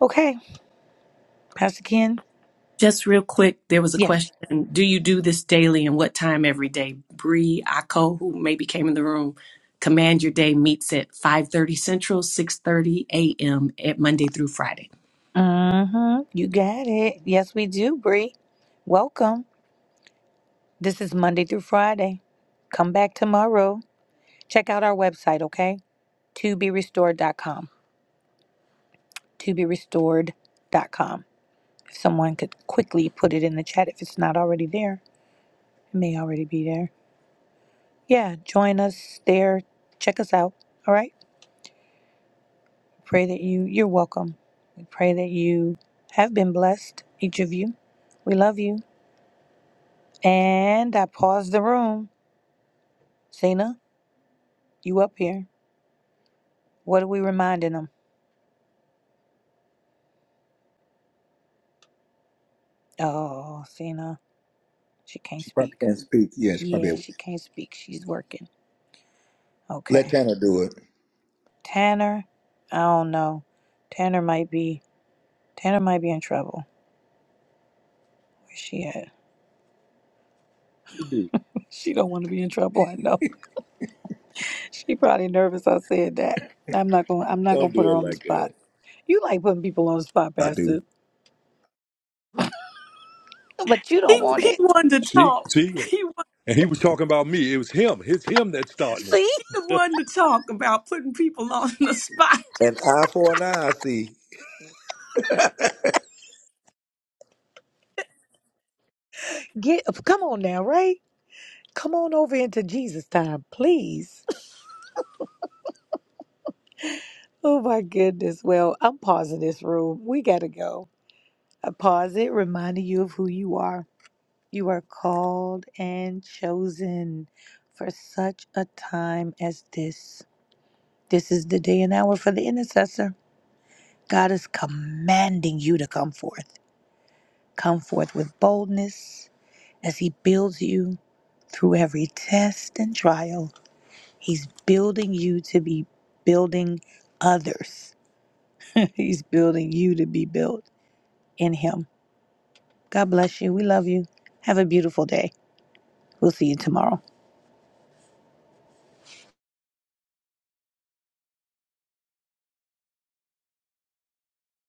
B: Okay. Pastor Ken?
C: Just real quick, there was a
B: Yes.
C: question. Do you do this daily and what time every day? Bree Ako, who maybe came in the room, Command Your Day meets at 5.30 Central, 6.30 a.m. at Monday through Friday.
B: Mm-hmm. You got it. Yes, we do, Bree. Welcome. This is Monday through Friday. Come back tomorrow. Check out our website, okay? To be restored.com. To be restored.com. If someone could quickly put it in the chat if it's not already there, it may already be there. Yeah, join us there. Check us out, all right? Pray that you you're welcome. We pray that you have been blessed, each of you. We love you. And I pause the room. Cena, you up here. What are we reminding them? Oh, Cena, she can't
A: She probably
B: speak.
A: can't speak. Yeah, she probably
B: Yeah, she can't speak. She's working.
A: let
B: Okay.
A: Tanner do it.
B: Tanner, I don't know. Tanner might be Tanner might be in trouble. Where's she at?
A: She do.
B: she don't want to be in trouble. I know. She probably nervous. I said that. I'm not gonna. I'm not
A: Don't
B: gonna put
A: do
B: her
A: it
B: on the
A: like that.
B: spot. You like putting people on the spot,
A: I
B: Pastor,
A: do.
B: but you
C: He,
B: don't want
C: he
B: it.
C: wanted to
J: See,
C: talk.
J: see,
C: He, wa-
J: and he was talking about me. It was him. It's him that's starting it.
B: See?
C: he the one to talk about putting people on the spot.
A: An eye for an eye. I see.
B: Get come on now, right? Come on over into Jesus time, please. Oh my goodness. Well, I'm pausing this room. We gotta go. I pause it, reminding you of who you are You are called and chosen for such a time as this. This is the day and hour for the intercessor. God is commanding you to come forth. Come forth with boldness as He builds you through every test and trial. He's building you to be building others. He's building you to be built in Him. God bless you. We love you. Have a beautiful day. We'll see you tomorrow.